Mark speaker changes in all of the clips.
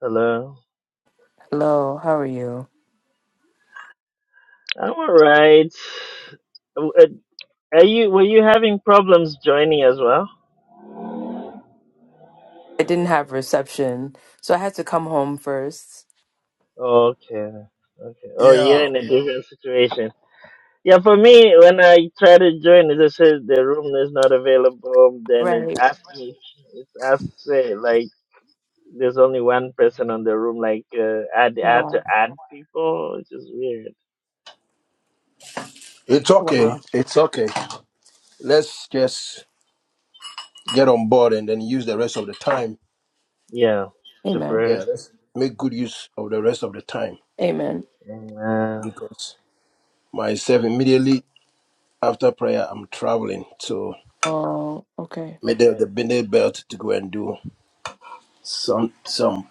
Speaker 1: Hello.
Speaker 2: Hello, how are you?
Speaker 1: I'm all right. W- uh, Are you? Were you having problems joining as well?
Speaker 2: I didn't have reception, so I had to come home first.
Speaker 1: Okay. Okay. Oh, you're
Speaker 3: Yeah.
Speaker 1: in a different situation. Yeah, for me, when I try to join, it just says the room is not available. Then it
Speaker 2: Right.
Speaker 1: asked me, it asks uh, like there's only one person on the room. Like uh, add, add to
Speaker 2: Wow.
Speaker 1: add people, which is weird.
Speaker 3: It's okay.
Speaker 2: Wow.
Speaker 3: It's okay. Let's just get on board and then use the rest of the time.
Speaker 1: Yeah, to
Speaker 2: Amen.
Speaker 1: pray.
Speaker 3: Yeah, let's make good use of the rest of the time
Speaker 2: Amen.
Speaker 1: Amen.
Speaker 3: because myself immediately after prayer I'm traveling to
Speaker 2: Oh, okay.
Speaker 3: made
Speaker 1: I
Speaker 3: the
Speaker 1: see.
Speaker 3: Bennett belt to go and do some some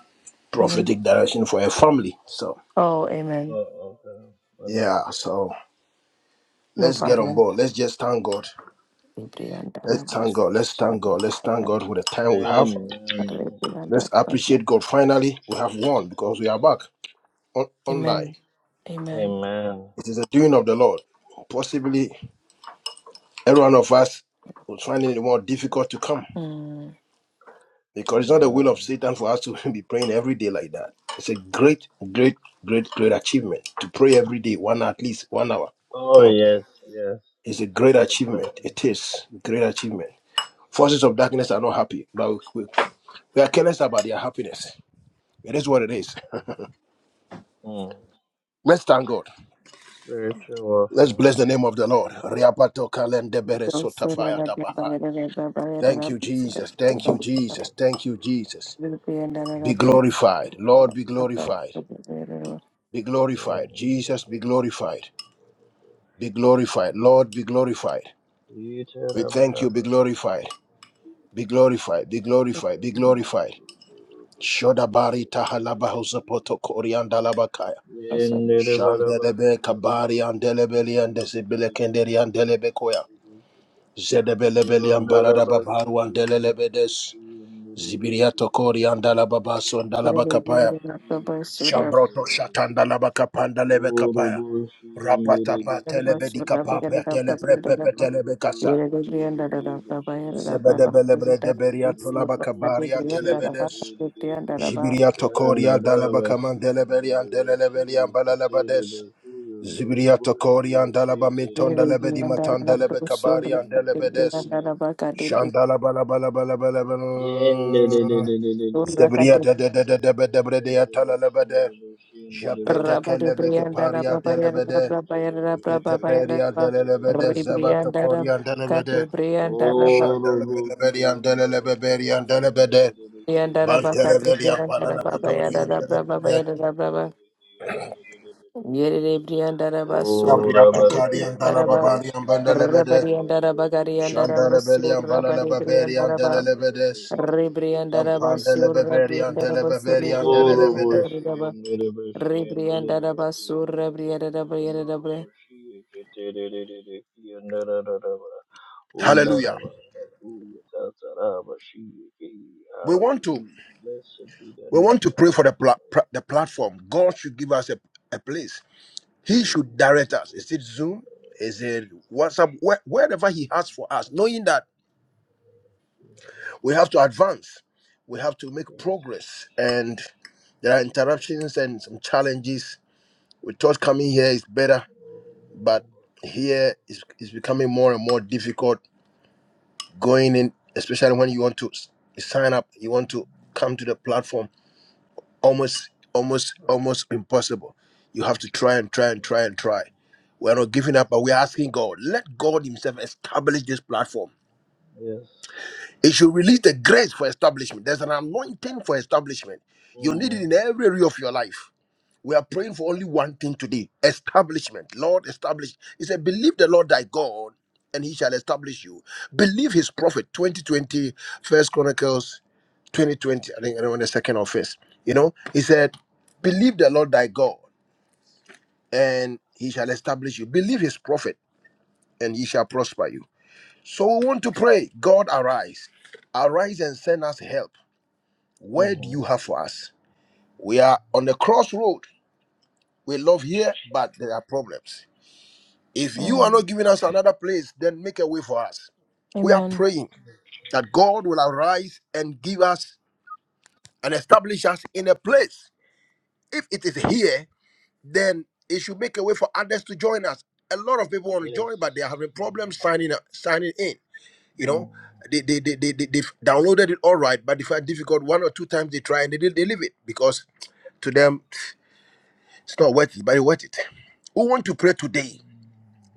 Speaker 2: hmm
Speaker 3: prophetic direction for a family. So
Speaker 2: Oh, amen.
Speaker 1: Oh, okay.
Speaker 3: yeah, so
Speaker 2: No
Speaker 3: let's get on
Speaker 2: problem.
Speaker 3: board. Let's just thank God. Let's thank God. Let's thank God. Let's thank God for the time we have.
Speaker 1: Amen.
Speaker 3: Let's appreciate God. Finally, we have won because we are back on, online.
Speaker 2: Amen. Amen.
Speaker 1: Amen.
Speaker 3: It is the doing of the Lord. Possibly every one of us will find it more difficult to come
Speaker 2: Mm.
Speaker 3: because it's not the will
Speaker 1: Yeah.
Speaker 3: of Satan for us to be praying every day like that. It's a great, great, great, great achievement to pray every day, one at least one hour.
Speaker 1: Oh,
Speaker 3: Hmm.
Speaker 1: yes, yes.
Speaker 3: It's a great
Speaker 1: It's a
Speaker 3: achievement.
Speaker 1: blessing.
Speaker 3: It is a great achievement. Forces of darkness are not happy, but we, we are careless about their happiness. It is what it is.
Speaker 1: Mm.
Speaker 3: Let's thank God.
Speaker 1: Spiritual
Speaker 3: Let's
Speaker 1: warfare.
Speaker 3: bless the name of the Lord. Riapato kalendebere sotafaya tabahai. Thank you, Jesus. Thank you, Jesus. Thank you, Jesus. Be glorified. Lord, be glorified. Be
Speaker 1: Yeah.
Speaker 3: glorified. Jesus, be glorified. Be glorified. Lord, be glorified. We thank you. Be glorified. Be glorified. Be glorified. Be glorified. Shodabari tahalabahosapotokoriandalabakaya. koriandalabakaya. Shandelebe kabari andelebeli andesibele kenderi andelebekoya.
Speaker 1: Yeah.
Speaker 3: Zedebelebeli
Speaker 1: Yandarabashi,
Speaker 3: ambarada babaru andelelebedes. Zibiriato kori andalababa sondalabakapaya.
Speaker 2: Rebriandara Briandara
Speaker 3: Shambroto shatanda labaka panda lebe kapaya. Rapatapa telebedi kapapa teleprepepe telebekasa. Zebedebelebre deberia tolabaka baria telebedes. Zibiria tokoria dalabaka mandeleberian deleleberian balalabades. Zibiria tokoria dalaba minton delebedi matan delebeka barian delebedes. Shandala balabalabalabalabal. Zebriya de de de de de de de de de de Japetekelebeke paria delebede, zeteperia delebede, zabatokorian delebede, shandelebelian delebeberian delebede,
Speaker 2: Bakade
Speaker 3: bantelebelian
Speaker 2: Briandara Baba Yada
Speaker 3: palalabatorian
Speaker 2: Brava
Speaker 3: delebede,
Speaker 2: Bayada Brava
Speaker 1: Oh,
Speaker 2: Yerere briandara basura
Speaker 1: O,
Speaker 2: bade
Speaker 3: sabriatokarian
Speaker 1: Rabakayan
Speaker 2: briandara ba
Speaker 3: dalababalian
Speaker 1: Narabashi,
Speaker 3: bandelebede,
Speaker 2: rabariandara
Speaker 1: Kitendiribakuyan
Speaker 2: bagariandara
Speaker 3: shandelebelian
Speaker 1: Nurubushi,
Speaker 2: basura bade
Speaker 3: balalababerian
Speaker 2: briandara
Speaker 1: Niribakuyan
Speaker 2: ba
Speaker 3: delebede,
Speaker 1: Nurubushi,
Speaker 2: rebriandara basura
Speaker 1: Kitendiribakuyan
Speaker 3: sampandelebeberian
Speaker 2: briandara basuri
Speaker 3: delebeberian
Speaker 1: O,
Speaker 2: briandara
Speaker 3: delebede.
Speaker 1: Rubushi,
Speaker 2: briandara ba
Speaker 1: Niribashi,
Speaker 2: rebriandara
Speaker 1: Niribakuyan
Speaker 2: basura briandara
Speaker 1: Niribakuyan
Speaker 2: briandara bre.
Speaker 1: Nurubushi, Kitendiribakuyan Narababa,
Speaker 3: Hallelujah.
Speaker 1: Undarabakuya Tatarabashi,
Speaker 3: We want to
Speaker 1: Hallelujah. Blessed be the
Speaker 3: we
Speaker 1: name
Speaker 3: want to pray
Speaker 1: of
Speaker 3: for the pla- pra- the platform. God should give us a, a place
Speaker 1: the
Speaker 3: He should direct us. Is it Zoom? Is it WhatsApp? Where, wherever He has for us, knowing that
Speaker 1: Lord.
Speaker 3: we have to advance, we have to make
Speaker 1: Yes.
Speaker 3: progress, and there are interruptions and some challenges. We thought coming here is better, but here is is becoming more and more difficult. Going in, especially when you want to s- sign up, you want to come to the platform almost almost almost impossible you have to try and try and try and try we're not giving up but we're asking god let god himself establish this platform it should release the grace for establishment there's an anointing for establishment you need it
Speaker 1: Mm.
Speaker 3: in every area of your life we are praying for only one thing today establishment lord establish he said believe the lord thy god and he shall establish you believe his prophet 2020 first chronicles 2020, I think, you know, on the second of first. You know, he said, Believe the Lord thy God, and he shall establish you. Believe his prophet, and he shall prosper you. So we want to pray, God arise. Arise and send us help. Where do
Speaker 1: Mm-hmm.
Speaker 3: you have for us? We are on the crossroad. We love here, but there are problems. If you are not
Speaker 2: Mm.
Speaker 3: giving us another place, then make a way for us. We are
Speaker 2: Amen.
Speaker 3: praying that God will arise and give us and establish us in a place. If it is here, then it should make a way for others to join us. A lot of people want to
Speaker 1: Yes.
Speaker 3: join, but they are having problems signing up, signing in. You know,
Speaker 1: Mm.
Speaker 3: they they they they they they've downloaded it all right, but they find it difficult one or two times they try and they they leave it because to them it's not worth it, but it's worth it. We want to pray today.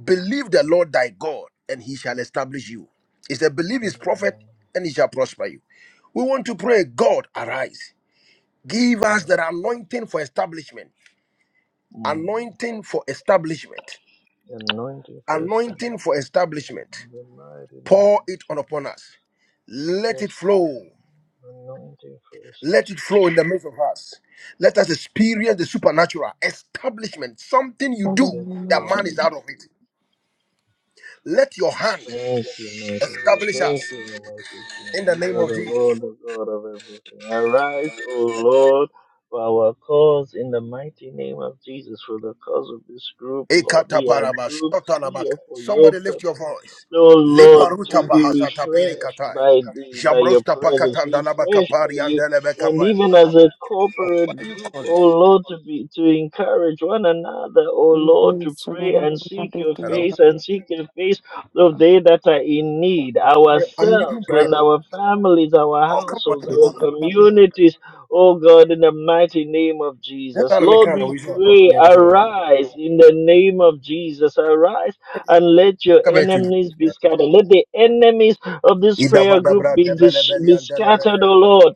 Speaker 3: Believe the Lord thy God, and he shall establish you. He said, Believe his
Speaker 1: Amen.
Speaker 3: prophet, and he shall prosper you. We want to pray, God, arise. Give
Speaker 1: Yeah.
Speaker 3: us that anointing for establishment.
Speaker 1: Mm.
Speaker 3: Anointing for establishment
Speaker 1: Anointing first establishment.
Speaker 3: anointing for
Speaker 1: Lord.
Speaker 3: establishment.
Speaker 1: In the mighty name
Speaker 3: Pour
Speaker 1: of
Speaker 3: it on
Speaker 1: Jesus.
Speaker 3: upon us. Let
Speaker 1: Yes.
Speaker 3: it flow.
Speaker 1: Anointing for establishment.
Speaker 3: Let it flow in the midst of us. Let us experience the supernatural establishment, something you
Speaker 2: In the
Speaker 3: do
Speaker 1: Yes,
Speaker 2: name
Speaker 3: that
Speaker 2: of
Speaker 1: Lord.
Speaker 3: man is
Speaker 2: Jesus,
Speaker 3: out of it. Let your hand
Speaker 1: Thank you, mighty God.
Speaker 3: establish us
Speaker 1: Thank you, the mighty
Speaker 3: in
Speaker 1: King.
Speaker 3: the
Speaker 1: You
Speaker 3: name
Speaker 1: are
Speaker 3: of
Speaker 1: the
Speaker 3: Jesus.
Speaker 1: Lord, the God of everything. Arise, O Lord, for our cause in the mighty name of Jesus, for the cause of this group, Lord. We are
Speaker 3: Ekataparaba,
Speaker 1: grouped
Speaker 3: shotalabaka.
Speaker 1: here for your
Speaker 3: Somebody lift your
Speaker 1: purpose.
Speaker 3: voice.
Speaker 1: O Lord,
Speaker 3: Leparuta
Speaker 1: to be
Speaker 3: bahasata
Speaker 1: refreshed
Speaker 3: perikatai.
Speaker 1: by thee, by your
Speaker 3: Jabrosta
Speaker 1: presence,
Speaker 3: pakatanda
Speaker 1: refreshed
Speaker 3: labakapari
Speaker 1: by you, and
Speaker 3: andelebekapaya.
Speaker 1: even as a
Speaker 3: Why
Speaker 1: corporate
Speaker 3: are you
Speaker 1: group,
Speaker 3: calling?
Speaker 1: O Lord, to be to encourage one another, O
Speaker 2: we
Speaker 1: Lord,
Speaker 2: pray,
Speaker 1: to
Speaker 2: Sura
Speaker 1: pray and seek
Speaker 2: Bade
Speaker 1: your
Speaker 3: Hello?
Speaker 2: Briandara
Speaker 1: face and seek your face of they that are in need,
Speaker 3: Yeah, I'm leaving
Speaker 1: ourselves
Speaker 3: prayer.
Speaker 1: and our families, our
Speaker 3: Oh, come on.
Speaker 1: households, our communities, oh God, in the mighty name of
Speaker 3: That's
Speaker 1: Jesus.
Speaker 3: how I make
Speaker 1: Lord,
Speaker 3: kind of
Speaker 1: we
Speaker 3: wish. I
Speaker 1: pray,
Speaker 3: mean, I say, Mra.
Speaker 1: arise in the name of Jesus, arise and let your
Speaker 3: Come here to
Speaker 1: enemies be scattered. Let the enemies of this
Speaker 3: Idaba
Speaker 1: prayer group
Speaker 3: dabra
Speaker 1: be,
Speaker 3: debele
Speaker 1: dis-
Speaker 3: beli
Speaker 1: be
Speaker 3: and
Speaker 1: scattered,
Speaker 3: delebede.
Speaker 1: oh Lord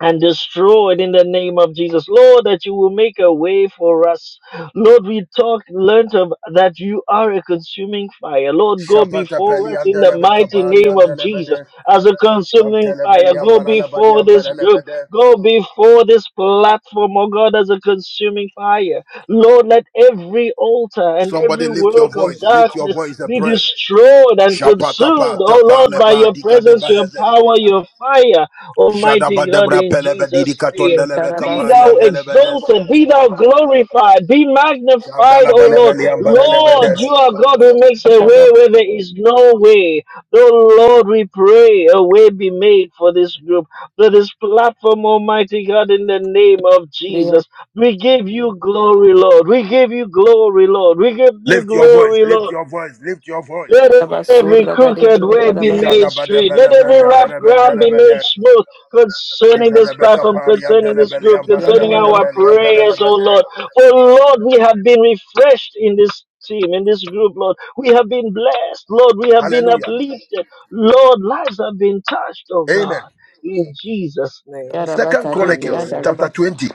Speaker 1: and destroyed in the name of Jesus. Lord, that you will make a way for us. Lord, we talked, learned of, that you are a consuming fire. Lord, go
Speaker 3: Shapata
Speaker 1: before
Speaker 3: peli
Speaker 1: us
Speaker 3: and
Speaker 1: in the
Speaker 3: delebe
Speaker 1: mighty
Speaker 3: kabari
Speaker 1: name
Speaker 3: and
Speaker 1: of Jesus
Speaker 3: delebede.
Speaker 1: as a consuming
Speaker 3: Shantele
Speaker 1: fire.
Speaker 3: beli and
Speaker 1: Go
Speaker 3: balalabadi
Speaker 1: before
Speaker 3: and
Speaker 1: this group.
Speaker 3: belelebede.
Speaker 1: Go before this platform, oh God, as a consuming fire. Lord, let every altar and
Speaker 3: Somebody
Speaker 1: every
Speaker 3: lift your
Speaker 1: work of
Speaker 3: voice, lift your
Speaker 1: darkness
Speaker 3: voice and
Speaker 1: be
Speaker 3: pray.
Speaker 1: destroyed and consumed,
Speaker 3: Shapatapa
Speaker 1: oh
Speaker 3: tapa
Speaker 1: Lord, by
Speaker 3: lepa
Speaker 1: your
Speaker 3: dika
Speaker 1: presence, your
Speaker 3: debeheze.
Speaker 1: power, your fire. Almighty
Speaker 3: Shadaba
Speaker 1: God,
Speaker 3: debra
Speaker 1: in
Speaker 3: pelebe
Speaker 1: Jesus'
Speaker 3: didika
Speaker 1: name,
Speaker 3: tondelebe
Speaker 1: be
Speaker 2: Basura
Speaker 3: kabari
Speaker 1: thou
Speaker 3: and delebedes.
Speaker 1: exalted, be thou glorified, be magnified,
Speaker 3: Shandala
Speaker 1: O Lord.
Speaker 3: balebeli and
Speaker 1: Lord, you
Speaker 3: belelebedes.
Speaker 1: are God who makes a way
Speaker 2: Bade
Speaker 1: where there is no way. Oh Lord, we pray a way be made for this group, for this platform, Almighty God, in the name of
Speaker 2: Briandara
Speaker 1: Jesus. We give you glory, Lord. We give you glory, Lord. We give you
Speaker 3: Lift your voice,
Speaker 1: glory,
Speaker 3: lift
Speaker 1: Lord.
Speaker 3: your voice, lift your voice.
Speaker 1: Let every
Speaker 2: Basura Bade
Speaker 1: crooked way
Speaker 2: Briandara
Speaker 1: be
Speaker 2: Basura Bade
Speaker 1: made
Speaker 3: Ishadaba
Speaker 1: straight.
Speaker 3: debele
Speaker 1: Let every
Speaker 3: brende
Speaker 1: rough ground be made
Speaker 3: belebe
Speaker 1: smooth concerning this platform,
Speaker 3: Hallelujah.
Speaker 1: concerning this group, concerning
Speaker 2: Briandara Ba.
Speaker 1: our prayers, oh Lord. Oh Lord, we have been refreshed in this team, in this group, Lord. We have been blessed, Lord. We have been uplifted. Lord, lives have been touched, oh
Speaker 3: Amen.
Speaker 1: God. In Jesus' name.
Speaker 3: Second Chronicles
Speaker 1: Amen.
Speaker 3: chapter
Speaker 2: Yarabakadebreyandarabas,
Speaker 3: 20.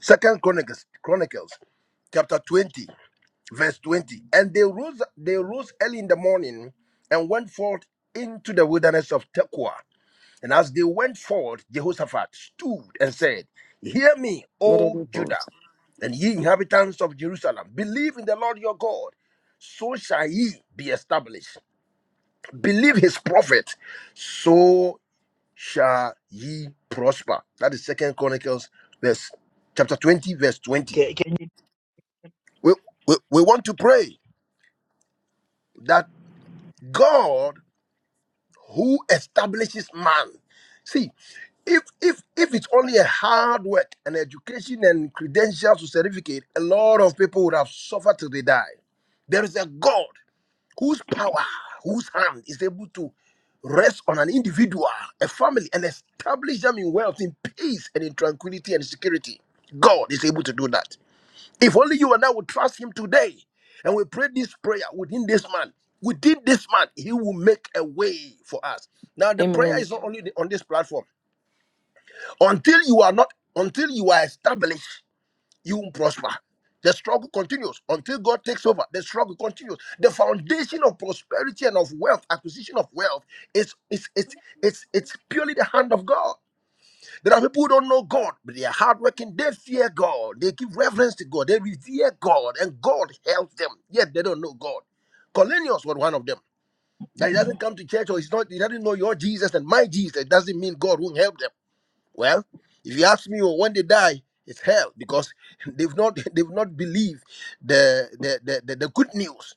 Speaker 3: Second Chronicles Chronicles chapter 20, verse 20. And they rose they rose early in the morning and went forth into the wilderness of Tekoa. And as they went forth, Jehoshaphat stood and said, Hear me, O Judah,
Speaker 2: Yerebibosa.
Speaker 3: and ye inhabitants of Jerusalem, believe in the Lord your God, so shall ye be established. believe his prophet so shall ye prosper that is second chronicles verse chapter 20 verse 20
Speaker 1: Can, can
Speaker 3: we, we, we want to pray that god who establishes man see if if if it's only a hard work and education and credentials to certificate a lot of people would have suffered till they die there is a god whose power, whose hand is able to rest on an individual, a family, and establish them in wealth, in peace, and in tranquility and security. God is able to do that. If only you and I would trust Him today and we pray this prayer within this man, within this man, He will make a way for us. Now, the prayer
Speaker 2: Amen.
Speaker 3: is not only on this platform. Until you are not, until you are established, you won't prosper. The struggle continues until God takes over. The struggle continues. The foundation of prosperity and of wealth, acquisition of wealth, is it's it's it's it's purely the hand of God. There are people who don't know God, but they are hardworking. They fear God. They give reverence to God. They revere God, and God helps them. Yet they don't know God. Cornelius was one of them. That he doesn't come to church or he's not. He doesn't know your Jesus and my Jesus. It doesn't mean God won't help them. Well, if you ask me, well, when they die, it's hell because they've not they've not believed the the, the the the good news,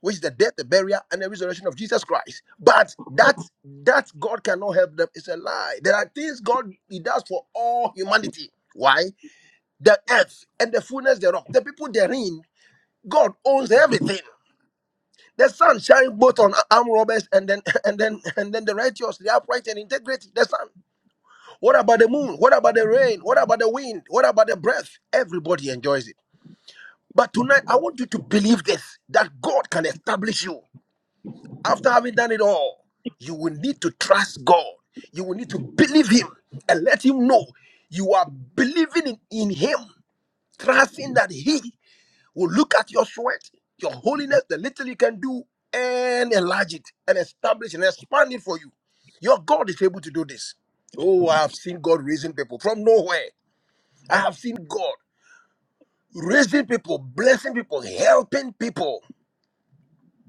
Speaker 3: which is the death, the burial, and the resurrection of Jesus Christ. But that that God cannot help them is a lie. There are things God He does for all humanity. Why? The earth and the fullness thereof, the people therein, God owns everything. The sun shines both on armed robbers and then and then and then the righteous, the upright and integrity. The sun. What about the moon? What about the rain? What about the wind? What about the breath? Everybody enjoys it. But tonight, I want you to believe this that God can establish you. After having done it all, you will need to trust God. You will need to believe Him and let Him know you are believing in, in Him, trusting that He will look at your sweat, your holiness, the little you can do, and enlarge it and establish and expand it for you. Your God is able to do this. Oh, I have seen God raising people from nowhere. I have seen God raising people, blessing people, helping people.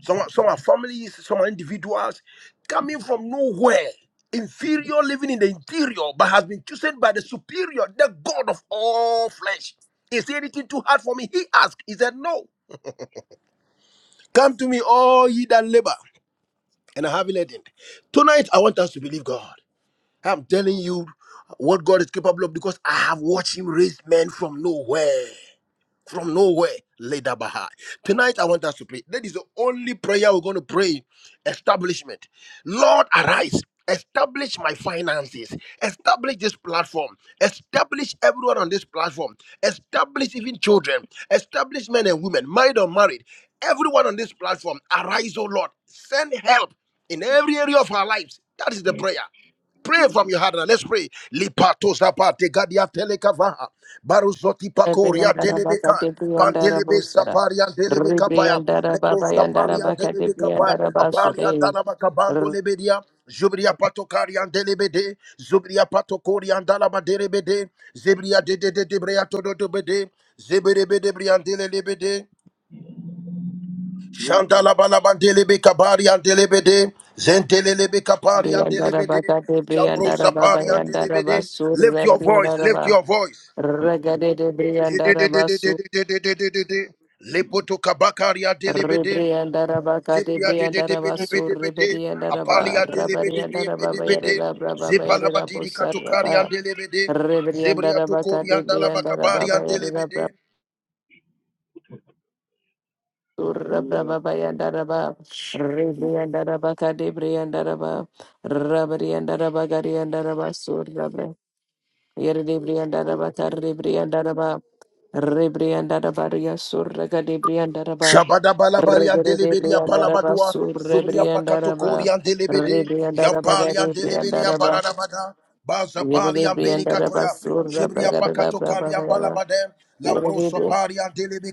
Speaker 3: Some, are- some are families, some are individuals coming from nowhere, inferior, living in the interior, but has been chosen by the superior, the God of all flesh. Is anything too hard for me? He asked. He said, No. Come to me, all ye that labor and are heavy laden. Tonight, I want us to believe God. I'm telling you what God is capable of because I have watched Him raise men from nowhere. from nowhere. Later Baha. Tonight I want us to pray. That is the only prayer we're going to pray. Establishment. Lord, arise. Establish my finances. Establish this platform. Establish everyone on this platform. Establish even children. Establish men and women, married or married. Everyone on this platform, arise, O Lord. Send help in every area of our lives. That is the prayer. Pray from your heart now. Let's pray. Lipato zapate gadia telekavaha. Baruzoti pakoria telebeka. Pantelebe
Speaker 2: Ebreyandarabakadebreyandarabosara.
Speaker 3: saparia telebe kapaya. Lebros kapalia telebe kapaya. Apalia
Speaker 2: Rebriyandarabakadebriyandarabasure.
Speaker 3: dalabaka bando lebedia. Zubria patokaria telebede. Zubria patokoria dalaba derebede. Zebria de de de de brea todo de bede. Zeberebe de briandele lebede. Shantala balabantele be kabari andele bede. Zentelele kapari andele bede. Shambro sapari andele bede.
Speaker 2: Rebriyandarabakadebriyandarababayandarabasur.
Speaker 3: Lift your voice, lift your voice.
Speaker 2: Rebriyandaraba.
Speaker 3: Didididididididididididi. Lepoto kabakari andele bede.
Speaker 2: Rebriandaraba
Speaker 3: Zibria
Speaker 2: Cadebriandaraba Sur
Speaker 3: dididibidibidibidi.
Speaker 2: Rebriandaraba
Speaker 3: Apalia
Speaker 2: Rabariandaraba
Speaker 3: dilibidibidibidi.
Speaker 2: Bayarada Braba Bayarada
Speaker 3: Zipalabadiri katukari
Speaker 2: Busaraba
Speaker 3: andele bede. Zibria
Speaker 2: Rebriandaraba
Speaker 3: tukuri
Speaker 2: Cadebriandaraba
Speaker 3: andalabakabari andele
Speaker 2: Bayarada
Speaker 3: bede.
Speaker 2: Brabura Braba Bayandaraba Rebriandaraba Cadebriandaraba Rabariandaraba Gariandaraba Sur Rabra Yere de brianda raba karre brianda raba. Rebrianda raba ria surra gade brianda raba.
Speaker 3: Shabada balabari and
Speaker 2: Regere de
Speaker 3: delibedi
Speaker 2: brianda raba
Speaker 3: apalabadua,
Speaker 2: surre
Speaker 3: Zubria
Speaker 2: brianda
Speaker 3: pakatokori
Speaker 2: raba.
Speaker 3: and delibedi,
Speaker 2: Rebrianda raba
Speaker 3: Jampali and
Speaker 2: gade brianda
Speaker 3: delibedi and
Speaker 2: raba.
Speaker 3: baladabada,
Speaker 2: Yere
Speaker 3: Bazapali
Speaker 2: de
Speaker 3: and
Speaker 2: brianda raba
Speaker 3: belikatoya,
Speaker 2: surra
Speaker 3: Jibria
Speaker 2: bragada raba baba
Speaker 3: pakatokari and
Speaker 2: raba.
Speaker 3: balabade,
Speaker 2: Yere
Speaker 3: Lambro
Speaker 2: de bri-
Speaker 3: sopari and delibi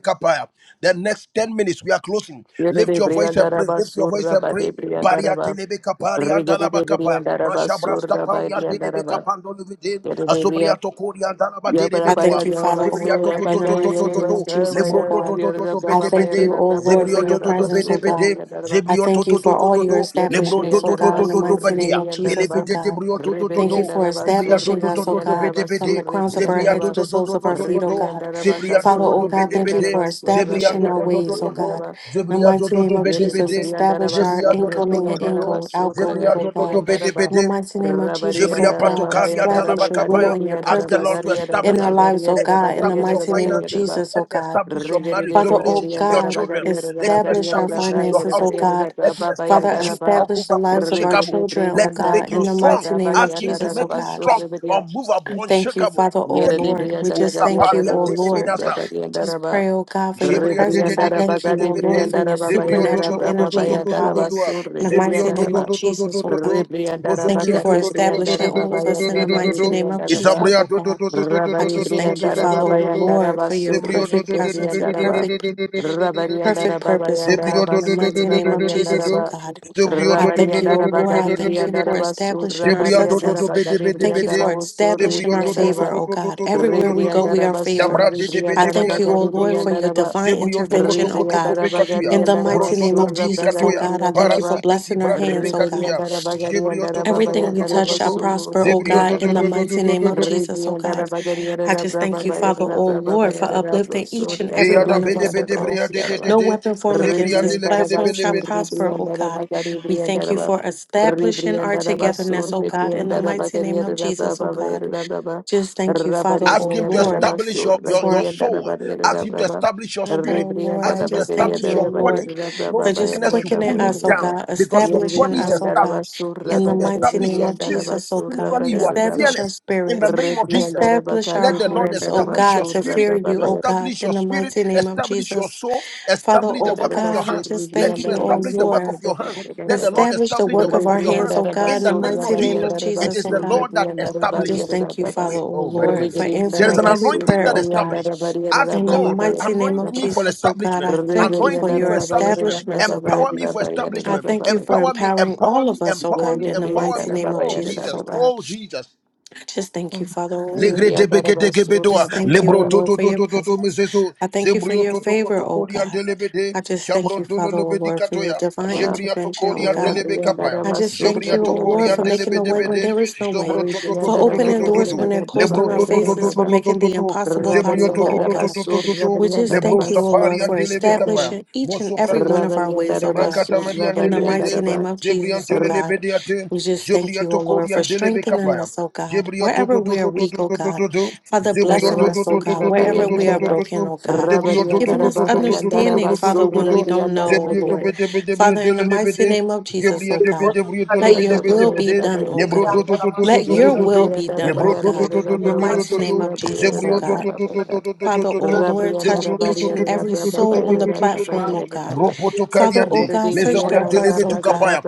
Speaker 3: The next 10 minutes we are closing.
Speaker 2: yere
Speaker 3: Lift
Speaker 2: de
Speaker 3: your voice
Speaker 2: brianda
Speaker 3: and pray,
Speaker 2: raba
Speaker 3: lift your voice
Speaker 2: surra
Speaker 3: and pray.
Speaker 2: bade brianda
Speaker 3: Baria
Speaker 2: raba.
Speaker 3: telebe kapari and
Speaker 2: Regere
Speaker 3: dalaba
Speaker 2: de
Speaker 3: kapaya.
Speaker 2: brianda raba
Speaker 3: Mashabra
Speaker 2: surra bade
Speaker 3: stapali and
Speaker 2: brianda
Speaker 3: delebe kapando livide. Azubria tokori and dalaba
Speaker 2: Ya para
Speaker 4: I thank
Speaker 2: para
Speaker 4: you,
Speaker 2: da
Speaker 4: Father, O
Speaker 3: Zebria to
Speaker 2: basura
Speaker 4: Lord,
Speaker 3: to
Speaker 2: para
Speaker 4: in
Speaker 3: to
Speaker 4: the
Speaker 3: to to
Speaker 2: caer
Speaker 3: to
Speaker 4: mighty
Speaker 2: de
Speaker 3: to
Speaker 4: name of
Speaker 3: to
Speaker 2: basura
Speaker 4: Jesus, O
Speaker 3: Lebro
Speaker 2: para
Speaker 3: to to
Speaker 4: God.
Speaker 3: to
Speaker 2: variar
Speaker 3: to
Speaker 2: da
Speaker 3: to
Speaker 4: I
Speaker 3: pete
Speaker 2: brava
Speaker 4: thank
Speaker 2: para
Speaker 4: you,
Speaker 3: pete
Speaker 2: da
Speaker 4: O
Speaker 2: brava
Speaker 4: Lord,
Speaker 2: para
Speaker 4: for
Speaker 3: Zebrio
Speaker 2: da
Speaker 3: to
Speaker 4: your
Speaker 3: to to
Speaker 2: brava
Speaker 4: presence, O
Speaker 3: pete
Speaker 2: sura
Speaker 4: God.
Speaker 3: pete
Speaker 2: da ba
Speaker 4: I
Speaker 3: Zebrio to
Speaker 4: thank you
Speaker 3: to to
Speaker 4: for
Speaker 3: to
Speaker 4: all
Speaker 3: to
Speaker 4: your
Speaker 3: to
Speaker 2: ya de
Speaker 3: Lebro to
Speaker 4: establishments, O
Speaker 3: to
Speaker 2: brianda da
Speaker 3: to
Speaker 4: God,
Speaker 2: ba
Speaker 3: to
Speaker 4: in the
Speaker 3: to to
Speaker 4: mighty
Speaker 2: surri
Speaker 4: name
Speaker 3: badia
Speaker 4: of
Speaker 2: da
Speaker 3: Bele
Speaker 4: Jesus, O
Speaker 2: ba
Speaker 3: pete te
Speaker 4: God.
Speaker 3: brio to
Speaker 2: re
Speaker 3: to to
Speaker 4: Thank you
Speaker 3: to
Speaker 2: da
Speaker 4: for
Speaker 2: ba
Speaker 3: Zebria to
Speaker 4: establishing
Speaker 2: surri
Speaker 3: to to
Speaker 4: us, O
Speaker 3: to to
Speaker 2: brigandar
Speaker 4: God,
Speaker 2: ba
Speaker 3: pete
Speaker 4: from the
Speaker 3: pete
Speaker 4: crowns of
Speaker 2: surri
Speaker 4: our
Speaker 2: da
Speaker 3: Zebria
Speaker 4: head
Speaker 3: to
Speaker 4: to
Speaker 2: ba
Speaker 4: the
Speaker 3: to to
Speaker 4: soles
Speaker 3: to
Speaker 4: of
Speaker 3: to
Speaker 4: our
Speaker 3: to
Speaker 2: re
Speaker 4: feet,
Speaker 3: to
Speaker 4: O
Speaker 3: to
Speaker 4: God.
Speaker 2: brigandar ba
Speaker 3: Zebria to
Speaker 4: Father,
Speaker 3: to
Speaker 4: O
Speaker 3: to
Speaker 2: casura
Speaker 4: God,
Speaker 3: pete
Speaker 4: thank
Speaker 2: brianda
Speaker 4: you
Speaker 2: da brigandar
Speaker 3: pete
Speaker 4: for
Speaker 3: Zebria to to
Speaker 2: ba
Speaker 4: establishing
Speaker 2: da
Speaker 4: our
Speaker 3: to to
Speaker 4: ways, O
Speaker 3: to
Speaker 2: brigandar
Speaker 3: to
Speaker 4: God.
Speaker 2: ba
Speaker 4: In the
Speaker 3: Zebria to
Speaker 4: mighty
Speaker 3: to
Speaker 4: name
Speaker 3: to
Speaker 4: of
Speaker 3: pete
Speaker 2: Yere
Speaker 3: pete
Speaker 2: de
Speaker 4: Jesus, establish
Speaker 2: Briandaraba
Speaker 4: our
Speaker 3: Zebria to
Speaker 2: Surra
Speaker 3: to to
Speaker 4: incoming
Speaker 3: to
Speaker 4: and
Speaker 3: to
Speaker 2: Briandaraba
Speaker 3: to
Speaker 4: ingo-
Speaker 2: Surra
Speaker 4: outgoing,
Speaker 3: Zebria
Speaker 4: O
Speaker 2: Gade
Speaker 3: to to to
Speaker 4: God.
Speaker 3: pete
Speaker 2: Briandaraba
Speaker 4: In the
Speaker 3: pete
Speaker 4: mighty name of
Speaker 2: Rabari
Speaker 4: Jesus, O
Speaker 2: and
Speaker 3: Jibria
Speaker 4: God,
Speaker 2: Araba by
Speaker 3: Patokari and
Speaker 4: establish
Speaker 2: Andaraba
Speaker 4: your will
Speaker 2: Garia
Speaker 3: Talabakapaya.
Speaker 4: and your
Speaker 3: Ask the
Speaker 2: Briandaraba
Speaker 4: purpose
Speaker 3: Lord to
Speaker 2: Garia
Speaker 4: in our
Speaker 3: establish
Speaker 2: Rabba
Speaker 3: you.
Speaker 4: lives,
Speaker 2: Garia
Speaker 4: O
Speaker 3: Let him
Speaker 2: Rabba
Speaker 4: God. In the
Speaker 2: Garia
Speaker 3: establish your
Speaker 4: mighty
Speaker 2: Rabba
Speaker 4: name of
Speaker 2: Garia
Speaker 3: finances.
Speaker 2: Rabba
Speaker 4: Jesus,
Speaker 3: Let
Speaker 4: O
Speaker 3: him
Speaker 4: God.
Speaker 3: establish your
Speaker 2: Rigari
Speaker 3: marriage,
Speaker 2: de
Speaker 3: your
Speaker 4: Father, oh
Speaker 2: Begari
Speaker 3: relationship,
Speaker 2: and
Speaker 3: your
Speaker 4: God,
Speaker 2: Araba
Speaker 3: children.
Speaker 2: Garia
Speaker 3: Let
Speaker 2: Rabba
Speaker 3: him
Speaker 4: establish
Speaker 2: Garia
Speaker 4: our
Speaker 3: establish you,
Speaker 2: Rabba
Speaker 3: your
Speaker 4: finances, oh
Speaker 3: household.
Speaker 4: God.
Speaker 2: Yerebaria
Speaker 3: Let him
Speaker 2: Rabba by
Speaker 4: Father,
Speaker 3: establish you,
Speaker 2: Andaraba
Speaker 4: establish the
Speaker 3: unmovable,
Speaker 4: lives of our
Speaker 3: unshakable.
Speaker 2: Rigate
Speaker 4: children, oh
Speaker 3: Let him
Speaker 2: Brianda
Speaker 3: make
Speaker 4: God,
Speaker 3: you
Speaker 4: in the
Speaker 2: Rusa
Speaker 3: strong.
Speaker 4: mighty
Speaker 2: Rabba
Speaker 4: name of
Speaker 3: Ask him to
Speaker 4: Jesus, oh
Speaker 3: make
Speaker 2: Yandaraba
Speaker 3: you
Speaker 4: God.
Speaker 3: strong,
Speaker 2: Surra brian.
Speaker 3: unmovable,
Speaker 4: I thank you,
Speaker 3: unshakable.
Speaker 4: Father, oh
Speaker 2: Yere
Speaker 3: Taking
Speaker 2: de
Speaker 4: Lord.
Speaker 3: root,
Speaker 4: We
Speaker 2: brianda da
Speaker 4: just
Speaker 2: gadia
Speaker 4: thank
Speaker 2: da
Speaker 4: you,
Speaker 2: da
Speaker 3: Osapalia
Speaker 4: oh
Speaker 2: bosu
Speaker 4: Lord.
Speaker 3: Teleminasa.
Speaker 2: rabarianda
Speaker 4: Just
Speaker 2: raba.
Speaker 4: pray, oh God, for your
Speaker 3: Jibria de de
Speaker 4: presence. I
Speaker 2: Rebrianda
Speaker 3: de de de
Speaker 2: raba
Speaker 4: thank you,
Speaker 3: de
Speaker 2: gadi
Speaker 4: oh
Speaker 3: de
Speaker 4: Lord,
Speaker 3: de.
Speaker 4: for
Speaker 2: brianda
Speaker 4: your
Speaker 2: raba
Speaker 3: Zebrio
Speaker 2: bayara
Speaker 4: supernatural
Speaker 2: raba baba
Speaker 4: energy and
Speaker 2: yanda
Speaker 4: power.
Speaker 2: raba
Speaker 4: In
Speaker 3: Dodo.
Speaker 2: sur
Speaker 4: the mighty
Speaker 2: reberianda
Speaker 4: name
Speaker 2: raba.
Speaker 4: of Jesus, oh God.
Speaker 2: Rebrianda
Speaker 4: Thank
Speaker 2: raba
Speaker 4: you
Speaker 3: Zebrio
Speaker 4: for
Speaker 2: kati
Speaker 3: Dodo.
Speaker 2: brianda
Speaker 4: establishing
Speaker 2: raba
Speaker 4: all of us
Speaker 2: bayara
Speaker 4: in the
Speaker 2: raba
Speaker 4: mighty name of
Speaker 2: rebrianda raba.
Speaker 4: Jesus,
Speaker 3: Isabria
Speaker 4: oh
Speaker 3: do do
Speaker 4: God.
Speaker 3: do do do do do
Speaker 4: I
Speaker 3: do
Speaker 2: Rabari
Speaker 3: do
Speaker 4: just
Speaker 3: do do
Speaker 4: thank you,
Speaker 2: brianda
Speaker 3: do
Speaker 2: raba
Speaker 4: Father,
Speaker 3: do do
Speaker 4: oh
Speaker 3: do
Speaker 2: bayanda
Speaker 4: Lord,
Speaker 2: raba
Speaker 4: for your
Speaker 2: sur
Speaker 3: Zebrio do
Speaker 4: perfect
Speaker 3: do do do
Speaker 4: presence,
Speaker 3: do
Speaker 4: your
Speaker 2: rebrianda
Speaker 3: do do do do
Speaker 2: raba.
Speaker 4: perfect
Speaker 3: do do do
Speaker 2: Rabari
Speaker 3: do do do do
Speaker 4: perfect
Speaker 2: raba
Speaker 4: purpose, oh
Speaker 2: bayanda
Speaker 3: Zebrio
Speaker 4: God,
Speaker 3: do
Speaker 2: raba
Speaker 4: in the
Speaker 3: do
Speaker 2: sur
Speaker 3: do do
Speaker 4: mighty
Speaker 3: do do
Speaker 4: name
Speaker 3: do
Speaker 4: of
Speaker 2: rabari
Speaker 3: do do do
Speaker 4: Jesus,
Speaker 3: do
Speaker 4: oh
Speaker 2: raba.
Speaker 4: God.
Speaker 3: Zebrio
Speaker 4: I
Speaker 3: do do
Speaker 2: Rabari
Speaker 4: thank
Speaker 3: do
Speaker 4: you,
Speaker 3: do
Speaker 4: oh
Speaker 3: do do
Speaker 2: raba
Speaker 4: Lord.
Speaker 3: do
Speaker 4: I
Speaker 2: gadi
Speaker 3: do
Speaker 4: thank
Speaker 3: do
Speaker 4: you
Speaker 3: do
Speaker 2: brianda
Speaker 4: for
Speaker 3: do
Speaker 2: raba sur
Speaker 4: establishing our
Speaker 3: Zebria
Speaker 2: rabari
Speaker 3: do do
Speaker 4: success.
Speaker 3: do
Speaker 2: raba
Speaker 3: bede
Speaker 2: gadi
Speaker 4: I
Speaker 3: bede
Speaker 4: thank you
Speaker 2: brianda
Speaker 4: for
Speaker 3: bede.
Speaker 2: raba sur
Speaker 4: establishing
Speaker 3: Zebria
Speaker 4: our
Speaker 3: do
Speaker 2: rebrianda
Speaker 3: do do
Speaker 4: favor,
Speaker 2: raba.
Speaker 3: do
Speaker 4: oh
Speaker 3: do do
Speaker 4: God.
Speaker 3: do do do
Speaker 4: Everywhere
Speaker 3: do
Speaker 4: we
Speaker 3: do
Speaker 4: go,
Speaker 3: do.
Speaker 4: we are
Speaker 2: Ribriandaraba sur
Speaker 4: favored.
Speaker 3: Dabra de de
Speaker 4: I
Speaker 3: bria
Speaker 4: thank
Speaker 2: Ribriandaraba
Speaker 4: you,
Speaker 3: do
Speaker 4: oh
Speaker 3: do
Speaker 2: Gari
Speaker 3: do
Speaker 4: Lord,
Speaker 3: do.
Speaker 4: for your
Speaker 2: Briandaraba
Speaker 4: divine
Speaker 3: Zebria toko
Speaker 4: intervention, oh
Speaker 3: toko toko
Speaker 4: God.
Speaker 2: Ribriandaraba
Speaker 3: bekatuya.
Speaker 2: Gari
Speaker 4: In the
Speaker 2: Andaraba
Speaker 4: mighty name of
Speaker 3: Brosotom
Speaker 2: Surra
Speaker 3: bidi
Speaker 4: Jesus, oh
Speaker 2: Bagari
Speaker 3: katuya.
Speaker 4: God, I thank you for
Speaker 2: Briandaraba
Speaker 3: Parasipeti
Speaker 4: blessing our
Speaker 3: vrate
Speaker 4: hands, oh God.
Speaker 3: pekatuya.
Speaker 2: Ribriandaraba Gari
Speaker 3: Zebria toko
Speaker 2: Andaraba
Speaker 3: toko
Speaker 4: Everything we
Speaker 3: toko
Speaker 4: touch
Speaker 2: Bayandaraba
Speaker 4: shall
Speaker 3: toko.
Speaker 2: Sur
Speaker 4: prosper, oh
Speaker 3: Zebria do
Speaker 4: God, in
Speaker 3: do
Speaker 4: the
Speaker 2: Ribriandaraba
Speaker 3: do do do
Speaker 4: mighty
Speaker 3: do
Speaker 4: name
Speaker 3: do
Speaker 4: of
Speaker 3: do.
Speaker 4: Jesus, oh
Speaker 2: Rebriandara
Speaker 4: God.
Speaker 2: basura
Speaker 4: I just thank you,
Speaker 2: bagari
Speaker 4: Father, oh Lord, for uplifting each and every
Speaker 3: Eyada
Speaker 4: one of
Speaker 3: bede
Speaker 4: us, oh
Speaker 3: bede
Speaker 4: God.
Speaker 3: bria de de de
Speaker 4: No
Speaker 3: de.
Speaker 4: weapon formed against
Speaker 3: Zebria
Speaker 4: this
Speaker 3: de le bele
Speaker 4: platform
Speaker 3: bele
Speaker 4: shall
Speaker 3: bele.
Speaker 4: prosper, oh God. We thank you for establishing our togetherness, oh God, in the mighty name of Jesus, oh God. Just thank you, Father, oh
Speaker 3: Ask him to
Speaker 4: Lord.
Speaker 3: establish your, your,
Speaker 4: for.
Speaker 3: your soul. Ask him to establish your
Speaker 4: Although,
Speaker 3: spirit.
Speaker 4: Lord,
Speaker 3: Ask
Speaker 4: I
Speaker 3: him to
Speaker 4: just thank
Speaker 3: establish
Speaker 4: you, oh
Speaker 3: your body.
Speaker 4: Lord,
Speaker 3: No
Speaker 4: for just
Speaker 3: sickness should
Speaker 4: quickening
Speaker 3: pull you
Speaker 4: us, oh
Speaker 3: down
Speaker 4: God,
Speaker 3: because your
Speaker 4: establishing
Speaker 3: body is
Speaker 4: us, oh God,
Speaker 3: established.
Speaker 4: in
Speaker 3: Let
Speaker 4: the
Speaker 3: him
Speaker 4: mighty
Speaker 3: establish
Speaker 4: name
Speaker 3: your
Speaker 4: of
Speaker 2: rebriandara
Speaker 3: spirit.
Speaker 4: Jesus, oh
Speaker 2: basura
Speaker 4: God.
Speaker 3: Spiritually, you are
Speaker 2: bagari
Speaker 4: Establish our
Speaker 3: fearless in the
Speaker 4: spirits,
Speaker 3: name of Jesus.
Speaker 4: establish our
Speaker 3: Let
Speaker 2: Rebriandarabakati,
Speaker 3: the Lord
Speaker 4: hearts, oh
Speaker 3: establish your
Speaker 4: God,
Speaker 2: Briandarabasur,
Speaker 4: to
Speaker 3: spirit.
Speaker 4: fear you,
Speaker 3: You
Speaker 4: oh
Speaker 2: Rababa,
Speaker 4: God,
Speaker 3: establish your
Speaker 4: in the
Speaker 3: spirit,
Speaker 4: mighty name of
Speaker 3: establish your
Speaker 4: Jesus.
Speaker 3: soul,
Speaker 4: Father,
Speaker 3: establish the
Speaker 4: oh
Speaker 3: work of your
Speaker 4: God, I
Speaker 2: Rabasur,
Speaker 3: hands.
Speaker 4: just
Speaker 3: Let
Speaker 4: thank
Speaker 3: him
Speaker 4: you, oh
Speaker 3: establish the
Speaker 2: Rebriandarabasur,
Speaker 3: work of
Speaker 4: Lord.
Speaker 3: your hands. Let the
Speaker 2: Rababa,
Speaker 3: Lord
Speaker 4: Establish the
Speaker 3: establish the
Speaker 4: work
Speaker 3: work
Speaker 4: of our
Speaker 3: of your
Speaker 4: hands,
Speaker 3: hands
Speaker 4: oh
Speaker 3: in
Speaker 4: God, in
Speaker 3: the
Speaker 4: the
Speaker 2: Rebriandarabasur,
Speaker 3: name of
Speaker 4: mighty name
Speaker 3: Jesus.
Speaker 4: of
Speaker 3: It
Speaker 4: Jesus,
Speaker 3: is
Speaker 4: oh
Speaker 3: the
Speaker 2: Rabariandarabasur,
Speaker 4: God.
Speaker 3: Lord that
Speaker 4: I
Speaker 2: Rebriandarabaria,
Speaker 4: just
Speaker 3: establishes.
Speaker 4: thank you,
Speaker 2: Rababa,
Speaker 4: Father,
Speaker 3: Wait,
Speaker 4: oh
Speaker 3: oh my
Speaker 4: Lord, for
Speaker 3: goodness. There is
Speaker 4: answering
Speaker 3: an
Speaker 4: every
Speaker 2: Rebriandarabasur,
Speaker 3: anointing
Speaker 4: prayer,
Speaker 3: that
Speaker 4: oh God.
Speaker 3: established.
Speaker 2: Rebriandarabaria,
Speaker 3: Ask
Speaker 4: In the
Speaker 3: God,
Speaker 2: Rababa,
Speaker 4: mighty name
Speaker 3: anoint
Speaker 4: of
Speaker 2: Rababa,
Speaker 3: me for
Speaker 4: Jesus, oh God,
Speaker 3: establishment.
Speaker 4: I thank you
Speaker 3: Anoint
Speaker 4: for
Speaker 3: me
Speaker 4: your
Speaker 3: for
Speaker 2: Rebriandarababa, Rababa,
Speaker 3: establishment.
Speaker 4: establishments, oh
Speaker 2: Rabaya
Speaker 4: God.
Speaker 3: Empower me for
Speaker 4: I
Speaker 3: establishment.
Speaker 2: Rababa,
Speaker 4: thank you for
Speaker 3: Empower me,
Speaker 4: empowering
Speaker 3: empower
Speaker 4: all
Speaker 3: me,
Speaker 4: of us, oh
Speaker 3: empower
Speaker 4: God,
Speaker 3: me,
Speaker 4: in the
Speaker 3: empower
Speaker 4: mighty
Speaker 3: me.
Speaker 4: name
Speaker 2: Rebriandarababa,
Speaker 4: of
Speaker 3: Oh
Speaker 4: Jesus,
Speaker 3: Jesus,
Speaker 4: oh
Speaker 2: Rababa,
Speaker 4: God.
Speaker 3: oh Jesus.
Speaker 4: I Just thank you, Father, oh
Speaker 3: Legre
Speaker 4: Lord.
Speaker 3: de bekete
Speaker 2: Rebriandarabasur,
Speaker 3: kebedoa.
Speaker 4: Just thank you, oh
Speaker 3: Lebro
Speaker 2: Rabariandarababa
Speaker 4: Lord,
Speaker 3: toto
Speaker 4: for your
Speaker 3: toto toto to to to
Speaker 4: presence.
Speaker 3: miseso.
Speaker 4: I thank you for
Speaker 3: Zebrio
Speaker 4: your
Speaker 3: to to
Speaker 4: favor,
Speaker 3: koto
Speaker 4: oh
Speaker 3: kori
Speaker 4: God.
Speaker 3: andelebede.
Speaker 4: I just thank you,
Speaker 3: Shabron to
Speaker 4: Father, oh
Speaker 3: lobedi
Speaker 4: Lord, for your
Speaker 3: katoya.
Speaker 2: Rabba
Speaker 4: divine
Speaker 3: Jebria to
Speaker 4: intervention,
Speaker 3: kori
Speaker 4: oh God.
Speaker 3: andelebe kapaya.
Speaker 4: I just thank
Speaker 3: Jebria
Speaker 4: you,
Speaker 3: to
Speaker 4: oh
Speaker 3: kori
Speaker 4: Lord, for making a
Speaker 3: andelebede
Speaker 4: way when
Speaker 3: bede.
Speaker 4: there is no way,
Speaker 3: Zombro toto
Speaker 4: for
Speaker 3: toto toto
Speaker 4: opening
Speaker 3: toto toto. to to to
Speaker 4: doors when
Speaker 3: to.
Speaker 4: they're closed
Speaker 3: Lebro
Speaker 4: in our
Speaker 3: toto toto.
Speaker 4: faces,
Speaker 3: to
Speaker 4: for
Speaker 3: toto toto to
Speaker 4: making
Speaker 3: to to
Speaker 4: the
Speaker 3: to.
Speaker 4: impossible
Speaker 3: Zebrio to
Speaker 4: possible,
Speaker 3: to
Speaker 4: oh
Speaker 3: to to to
Speaker 4: God. We just
Speaker 3: Lebro
Speaker 4: thank you, O
Speaker 3: sapari
Speaker 4: Lord, for
Speaker 3: andelebe
Speaker 4: establishing each and every
Speaker 3: kapaya.
Speaker 4: one of our ways, O God.
Speaker 3: Jabrakatamaria
Speaker 4: In the mighty
Speaker 3: delebede,
Speaker 4: name of
Speaker 3: Debrian
Speaker 4: Jesus, O God.
Speaker 3: telebediate,
Speaker 4: We just thank you,
Speaker 3: Jebriato
Speaker 4: O Lord, for
Speaker 3: Corian delebe
Speaker 4: strengthening
Speaker 3: capaya,
Speaker 4: us, O God.
Speaker 3: Jebrio to
Speaker 4: Wherever
Speaker 3: to to
Speaker 4: we are
Speaker 3: to to
Speaker 4: weak, O
Speaker 3: to to to
Speaker 4: God.
Speaker 3: to to,
Speaker 4: Father,
Speaker 3: Zebrio
Speaker 4: blessing
Speaker 3: to to
Speaker 4: us, O
Speaker 3: to to
Speaker 4: God.
Speaker 3: to
Speaker 4: Wherever we are broken, O God. Giving us
Speaker 3: to to to to
Speaker 4: understanding,
Speaker 3: to
Speaker 4: Father,
Speaker 3: to to, Zebrio to to to to to to to to to to to to
Speaker 4: when we
Speaker 3: to,
Speaker 4: don't know, O
Speaker 3: Zebrio to
Speaker 4: Lord.
Speaker 3: bede bede bede
Speaker 4: Father, in the mighty
Speaker 3: delebede,
Speaker 4: name of Jesus,
Speaker 3: Jebrio
Speaker 4: O
Speaker 3: to
Speaker 5: under
Speaker 4: God.
Speaker 3: bede brio to
Speaker 4: Let
Speaker 3: lobede
Speaker 4: your
Speaker 5: the
Speaker 3: bede
Speaker 4: will be
Speaker 3: bede,
Speaker 4: done, O
Speaker 3: Nebro
Speaker 4: God.
Speaker 3: to to to to to
Speaker 4: Let
Speaker 3: to to
Speaker 4: your
Speaker 3: to to,
Speaker 4: will be done,
Speaker 3: Nebro
Speaker 4: O
Speaker 3: to to
Speaker 4: God.
Speaker 3: to to
Speaker 4: In the
Speaker 3: to to to
Speaker 4: mighty
Speaker 3: to to,
Speaker 4: name of Jesus, O
Speaker 3: Zebrio to
Speaker 4: God.
Speaker 3: to to to to to to to
Speaker 4: Father,
Speaker 2: Rebriandara
Speaker 3: to
Speaker 4: oh
Speaker 3: to,
Speaker 4: Lord, touch
Speaker 3: Zebrio to to
Speaker 4: each and
Speaker 3: to to
Speaker 4: every
Speaker 3: to to to to
Speaker 4: soul
Speaker 3: to
Speaker 4: on the
Speaker 3: to to to
Speaker 4: platform,
Speaker 3: to.
Speaker 4: oh God.
Speaker 3: Ropoto
Speaker 4: Father, oh
Speaker 3: Kaliande,
Speaker 4: God, search their hearts,
Speaker 3: Mesobriantelebe
Speaker 4: oh
Speaker 3: to
Speaker 4: God.
Speaker 3: Kapaya,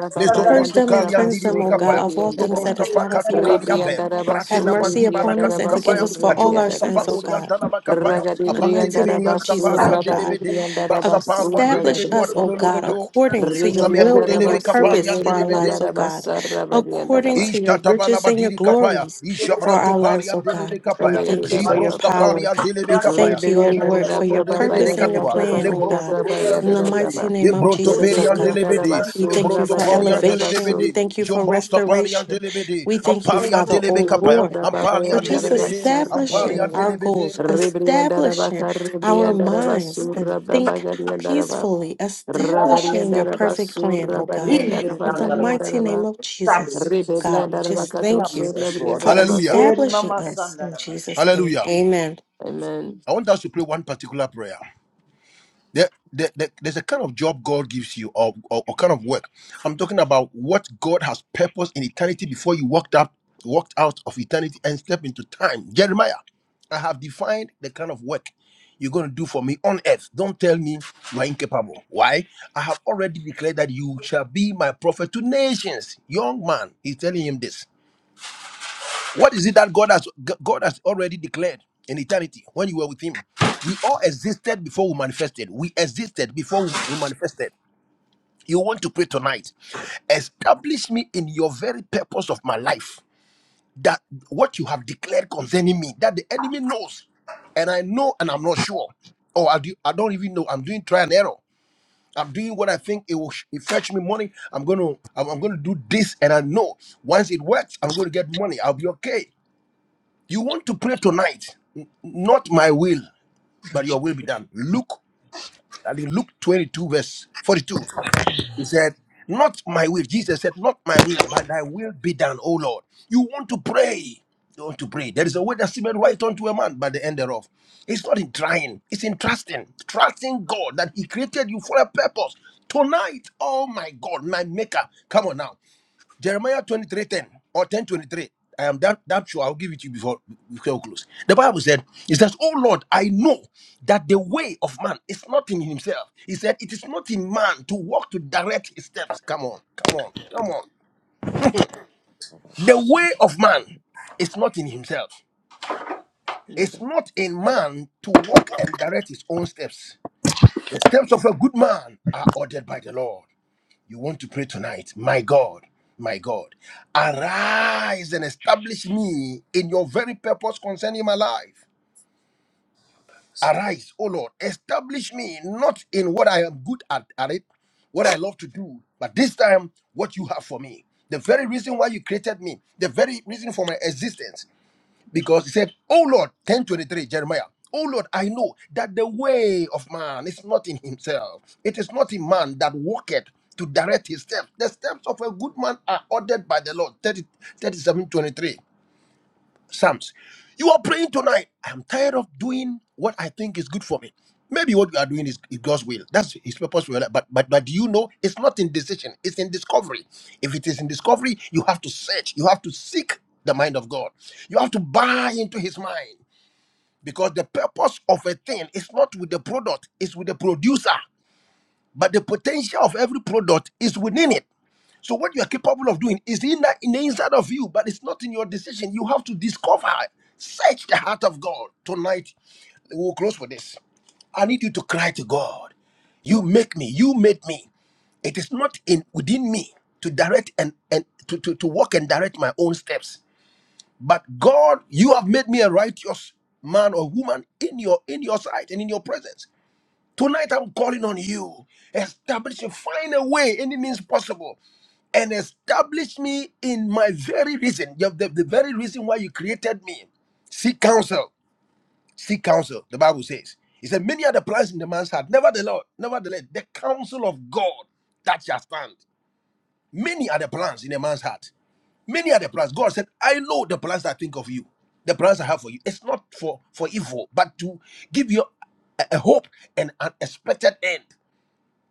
Speaker 4: Purge
Speaker 3: Mesobroto
Speaker 4: them and cleanse
Speaker 3: Kaliandi
Speaker 4: them,
Speaker 3: Libi
Speaker 4: O God,
Speaker 3: Kapaya,
Speaker 4: of all things that
Speaker 3: Jobrosta
Speaker 4: is not of
Speaker 3: Pakato
Speaker 4: you, O God.
Speaker 3: Kaliambe,
Speaker 4: Have
Speaker 3: Pratela
Speaker 4: mercy
Speaker 3: Bandiba
Speaker 4: upon us
Speaker 3: Nakatu
Speaker 4: and forgive
Speaker 3: Kapaya,
Speaker 4: us for all our
Speaker 3: Achobrosta
Speaker 4: sins, O God.
Speaker 3: Pakuriantana Bakapaya,
Speaker 4: In the mighty
Speaker 3: Abandelebe
Speaker 4: name of Jesus, O God.
Speaker 3: Diastapariandelebe,
Speaker 4: Ac-
Speaker 3: Basapaluandelebe
Speaker 4: Establish us, O
Speaker 3: Duatolo
Speaker 4: God,
Speaker 3: Lobodo,
Speaker 4: according to your
Speaker 3: Samia
Speaker 4: will and your
Speaker 3: Kodelebe
Speaker 4: purpose for our
Speaker 3: Kapariandelebe,
Speaker 4: lives, O God, according to your riches and your
Speaker 3: Ishatabalabadiri kapaya,
Speaker 4: glories for
Speaker 3: Ishabrato
Speaker 4: our lives,
Speaker 3: paria
Speaker 4: O God.
Speaker 3: delebe
Speaker 4: We
Speaker 3: kapaya,
Speaker 4: thank you for your
Speaker 3: Gibrosta
Speaker 4: power.
Speaker 3: paria delebe
Speaker 4: We
Speaker 3: kapaya,
Speaker 4: thank
Speaker 2: Amen.
Speaker 4: you, O Lord, for your
Speaker 3: Gibrosoto delebe de
Speaker 4: purpose and your
Speaker 3: catua,
Speaker 4: plan, O
Speaker 3: Lembroso
Speaker 4: God.
Speaker 3: poria
Speaker 4: In the
Speaker 3: delebe,
Speaker 4: mighty name of
Speaker 3: Lembronto
Speaker 4: Jesus, O
Speaker 3: perian
Speaker 4: God.
Speaker 3: delebe,
Speaker 4: We thank you
Speaker 3: Lembronto
Speaker 4: for
Speaker 3: poria
Speaker 4: elevation. We
Speaker 3: delebe,
Speaker 4: thank you for
Speaker 3: Jombrosta paria
Speaker 4: restoration.
Speaker 3: delebe,
Speaker 4: We thank you,
Speaker 3: Ampalia
Speaker 4: Father,
Speaker 3: delebe
Speaker 4: O
Speaker 3: kapaya,
Speaker 4: Lord, for
Speaker 3: Ampalia
Speaker 4: just
Speaker 3: delebe, Ampalia
Speaker 4: establishing our goals,
Speaker 3: delebe.
Speaker 4: establishing our minds to think peacefully establishing your perfect plan, oh God. In the
Speaker 5: under us,
Speaker 4: mighty name of Jesus,
Speaker 5: Establish us,
Speaker 4: God, we
Speaker 5: establish us,
Speaker 4: just thank you
Speaker 5: establish us, Lord.
Speaker 4: for
Speaker 3: Hallelujah,
Speaker 5: Very
Speaker 4: establishing
Speaker 5: mama
Speaker 4: us in
Speaker 5: sandara
Speaker 4: Jesus'
Speaker 5: masita.
Speaker 4: name.
Speaker 3: hallelujah.
Speaker 4: Amen.
Speaker 5: Jesus.
Speaker 3: I want us to pray one particular prayer. There, there, there- there's a kind of job God gives you or, or, or kind of work. I'm talking about what God has purposed in eternity before you walked out, walked out of eternity and stepped into time. Jeremiah, I have defined the kind of work you're going to do for me on earth. Don't tell me you are incapable. Why? I have already declared that you shall be my prophet to nations. Young man, he's telling him this. What is it that God has God has already declared in eternity when you were with Him? We all existed before we manifested. We existed before we we manifested. You want to pray tonight? Establish me in your very purpose of my life. That what you have declared concerning me, that the enemy knows, and I know, and I'm not sure, or I do, I don't even know. I'm doing trial and error. I'm doing what I think it will sh- it fetch me money. I'm gonna I'm, I'm gonna do this, and I know once it works, I'm gonna get money. I'll be okay. You want to pray tonight, n- not my will, but your will be done. Luke, I think Luke 22, verse 42. He said, Not my will. Jesus said, Not my will, but thy will be done, O Lord. You want to pray. You want to pray. There is a way that seemeth right unto a man, but the end thereof. It's not in trying, it's in trusting. Trusting God that He created you for a purpose. Tonight, oh my God, my maker. Come on now. Jeremiah 23 10 or 10 23. I am that, that sure I'll give it to you before before we close. The Bible said, It says, Oh Lord, I know that the way of man is not in himself. He said, It is not in man to walk to direct his steps. Come on, come on, come on. The way of man is not in himself. It's not in man to walk and direct his own steps. The steps of a good man are ordered by the Lord. You want to pray tonight. My God, my God, arise and establish me in your very purpose concerning my life. Arise, O Lord, establish me not in what I am good at, at it, what I love to do, but this time what you have for me. The very reason why you created me, the very reason for my existence because he said, Oh Lord, 1023, Jeremiah, Oh Lord, I know that the way of man is not in himself. It is not in man that walketh to direct his steps. The steps of a good man are ordered by the Lord. 30, thirty-seven, Psalms. You are praying tonight. I'm tired of doing what I think is good for me. Maybe what you are doing is, is God's will. That's His purpose for your life. But but but do you know it's not in decision. It's in discovery. If it is in discovery, you have to search. You have to seek the mind of God. You have to buy into His mind because the purpose of a thing is not with the product. It's with the producer. But the potential of every product is within it. So what you are capable of doing is in the, in the inside of you, but it's not in your decision. You have to discover, search the heart of God. Tonight, we'll close with this. I need you to cry to God. You make me. You made me. It is not in within me to direct and and to, to, to walk and direct my own steps. But God, you have made me a righteous man or woman in your in your sight and in your presence. Tonight I'm calling on you. Establish, find a way, any means possible and establish me in my very reason, the, the, the very reason why you created me. Seek counsel. Seek counsel, the Bible says. He said, Many are the plans in the man's heart. Nevertheless, nevertheless, the counsel of God that shall stand. Many are the plans in a man's heart. Many are the plans. God said, I know the plans I think of you, the plans I have for you. It's not for, for evil, but to give you a, a hope and an expected end.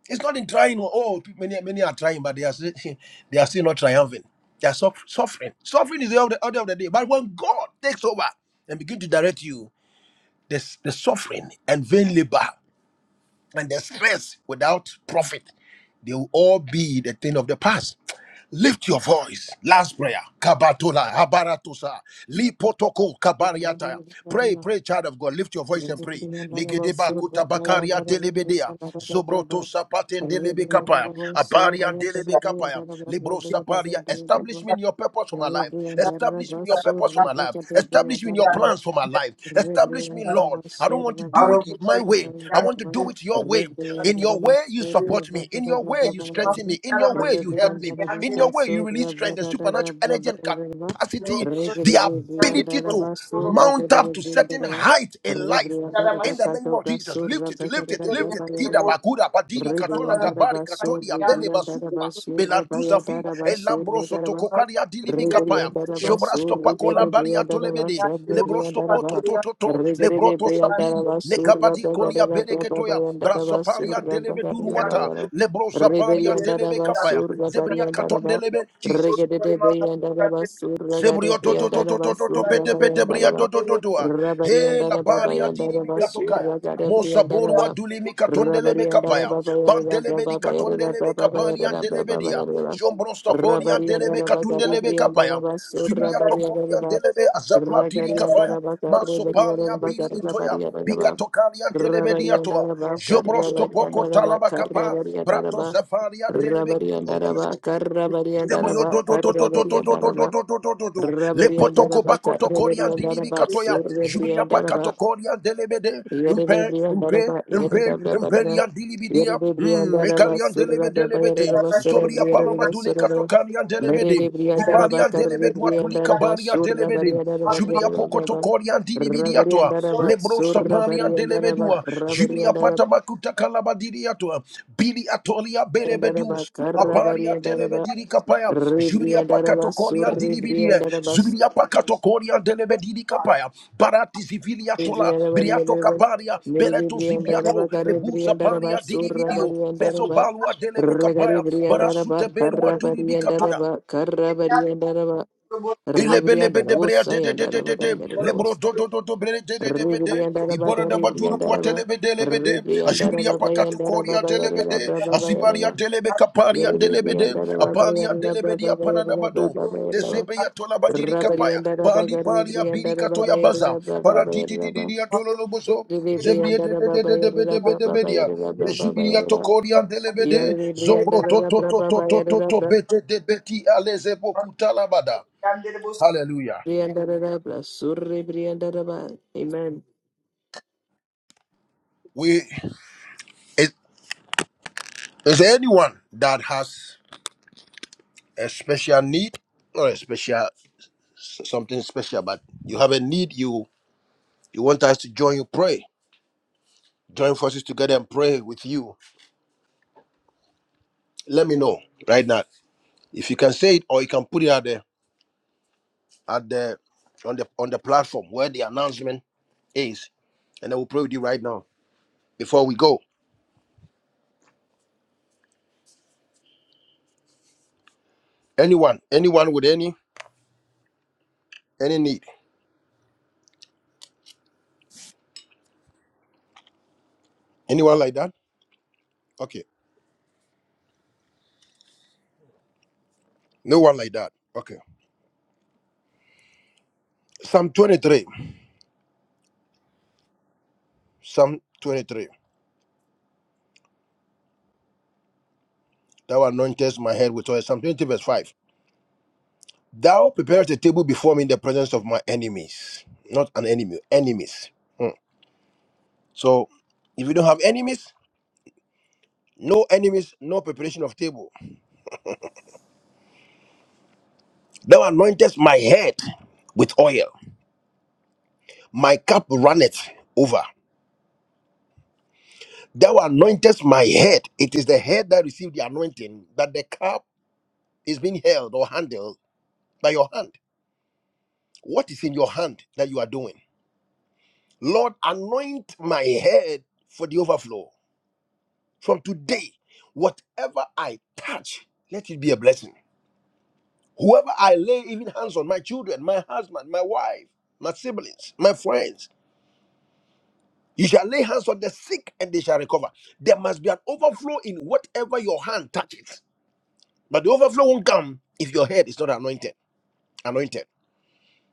Speaker 3: It's not in trying. Oh, oh, pe- many many are trying, but they are still, they are still not triumphant. They are suff- suffering. Suffering is the order, order of the day. But when God takes over and begin to direct you, the, the suffering and vain labor and the stress without profit, they will all be the thing of the past. Lift your voice. Last prayer. Kabatola, Habaratosa, Lipotoko, Kabariata. Pray, pray, child of God. Lift your voice
Speaker 2: Thank
Speaker 3: and pray.
Speaker 2: you.
Speaker 3: Ligedeba kutabakaria delebedea. Zobroto sapaten delebe kapaya. Abarian delebe kapaya. Libro saparia. Establish me in your purpose my life. Establish me in your purpose for my life. Establish me in your plans for my life. Establish me, Lord. I
Speaker 2: Rebriandarabasur,
Speaker 3: don't want to do it my way. I want to do it your way. In your
Speaker 5: Our
Speaker 3: way, you support me. In your way, you strengthen me. In your way, you help me. In your way, you release strength and supernatural energy and capacity, the ability to mount up to certain height in life. In the name of Jesus, lift it, lift it, lift it. Gida
Speaker 2: Rebriandarabasur,
Speaker 3: bagura badiri katola kabari katodia bele basukwa belantuza
Speaker 2: Rebriandarabasur,
Speaker 3: elambroso
Speaker 2: Rebriandarabasur,
Speaker 3: tokokaria dilimi
Speaker 2: Rabari
Speaker 3: kapaya
Speaker 2: and Baba Baba Baba
Speaker 3: jobrasto pako lambari
Speaker 2: Baba
Speaker 3: atolebede lebrosto poto toto lebroto sapiri negabadi kolia bereketoya braso paria delebe duruata lebrosa paria delebe kapaya zebria katon delebe Jesus. Zebrio to to to to to to to pete pete bria to to to to ah. he la baria diri mikatokaya mosaburu wa
Speaker 5: Thank you.
Speaker 3: duli mikatondele bekapaya bandele bedi katondele
Speaker 2: Baba
Speaker 3: bekabari andele
Speaker 2: Baba
Speaker 3: bedia
Speaker 2: Baba
Speaker 3: jombrosta bori
Speaker 2: Rabari and
Speaker 3: andele
Speaker 2: Daraba,
Speaker 3: katundelebe
Speaker 5: Thank
Speaker 2: Carrebri and
Speaker 3: kapaya.
Speaker 2: Daraba,
Speaker 3: zubiria tokori andele azapla diri kafaya masopalia biri itoya bika Bikatokalia delebediatoa, Jobrosto poco talabacapa, Brato Zafaria delebe. Oh Jesus. Zebrio do do do do do do do do do do do do do do.
Speaker 2: Surrebri
Speaker 3: Lepotoko bakoto korian dilibi katoya. Jubria
Speaker 2: and
Speaker 3: pakato
Speaker 2: Daraba,
Speaker 3: korian delebede.
Speaker 2: Yere
Speaker 3: Impe, impe, impe, impé imperian dilibidia. Hmm, ekalian delebe delebede. Zobria palama duli kato karian delebede. Ibalian delebe duatuli kabaria delebede. Jubria pokoto korian dilibidia toa. Lebro sapalian delebe dua. Jubria pata bakuta kalabadiria toa. Bili atolia berebedus. Abaria delebediri kapaya, Jubiria pakato koria dilibidia, Zubiria pakato koria delebediri kapaya, Barati zivilia tola,
Speaker 2: Brianda
Speaker 3: Briato
Speaker 2: Variandaba,
Speaker 3: kabaria,
Speaker 2: Miri
Speaker 3: Bereto zipiato,
Speaker 2: Briandaraba, Gare
Speaker 3: Lebusa
Speaker 2: Briandaraba,
Speaker 3: paria
Speaker 2: Sura
Speaker 3: dilibidio, Beso
Speaker 2: Variandaraba,
Speaker 3: balua
Speaker 5: you.
Speaker 3: delebe
Speaker 2: Ragari
Speaker 3: kabaya, Barasute
Speaker 2: Briandaraba,
Speaker 3: berua
Speaker 2: Carra
Speaker 3: duribikatoya,
Speaker 2: Variandaraba, Carra Variandaraba, Ribriandarabosa, Yandaraba,
Speaker 3: Ilebelebedebreadedededede.
Speaker 2: Gandarabosa,
Speaker 3: Lebrododododobrelebedebede.
Speaker 2: Ribriandaraba, Gare Briandaraba,
Speaker 3: Iborodabadurukwatelebelebede.
Speaker 2: Ribriandaraba, Bayandaraba, Bayarina,
Speaker 3: Ashibiriyapakatukoriyatelebede.
Speaker 2: Brava Bayarina, Yeri
Speaker 3: Asibariyatelebekapariyantelebede.
Speaker 2: Briandaraba, Bayarina, Brava Bayarina,
Speaker 3: Apaliyantelebediyapanadabado.
Speaker 2: Brava Bayarina,
Speaker 3: Desebeyatolabadirikapaya.
Speaker 2: Rabariandaraba,
Speaker 3: Bali
Speaker 2: Gare
Speaker 3: paria
Speaker 2: Briandaraba,
Speaker 3: birikatoya baza.
Speaker 2: Bayarina, Brava Bayarina,
Speaker 3: Paradidididiyatololoboso.
Speaker 2: Amen. Mm.
Speaker 3: Zebriyedededededebedebedebedia. Leshibiriyatokoriyantelebede. Zombrotototototototobetedebetia lezebokutalabada. Hallelujah. We is, is there anyone that has a special need or a special something special, but you have a need you you want us to join you pray, join forces together and pray with you. Let me know right now if you can say it or you can put it at the at the on the on the platform where the announcement is, and I will pray with you right now before we go. Anyone, anyone with any any need, anyone like that? Okay, no one like that. Okay, Psalm twenty three, Psalm 23. Thou anointest my head with oil. Psalm 20, verse 5. Thou preparest a table before me in the presence of my enemies. Not an enemy, enemies. So if you don't have enemies, no enemies, no preparation of table. Thou anointest my head with oil. My cup runneth over. Thou anointest my head. It is the head that received the anointing that the cup is being held or handled by your hand. What is in your hand that you are doing? Lord, anoint my head for the overflow. From today, whatever I touch, let it be a blessing. Whoever I lay even hands on, my children, my husband, my wife, my siblings, my friends, you shall lay hands on the sick and they shall recover. There must be an overflow in whatever your hand touches. But the overflow won't come if your head is not anointed. Anointed.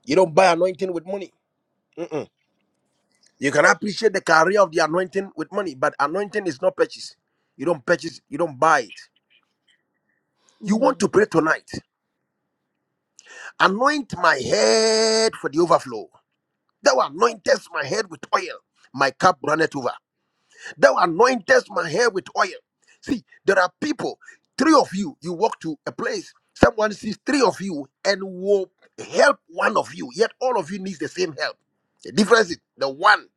Speaker 3: You don't buy anointing with money. Mm-mm. You can appreciate the career of the anointing with money, but anointing is not purchased. You don't purchase, you don't buy it. You want to pray tonight. Anoint my head for the overflow. Thou anointest my head with oil. My cup runneth over. Thou anointest my head with oil. See, there are people, three of you, you walk to a place, someone sees three of you and will help one of you, yet all of you needs the same help. The difference is the one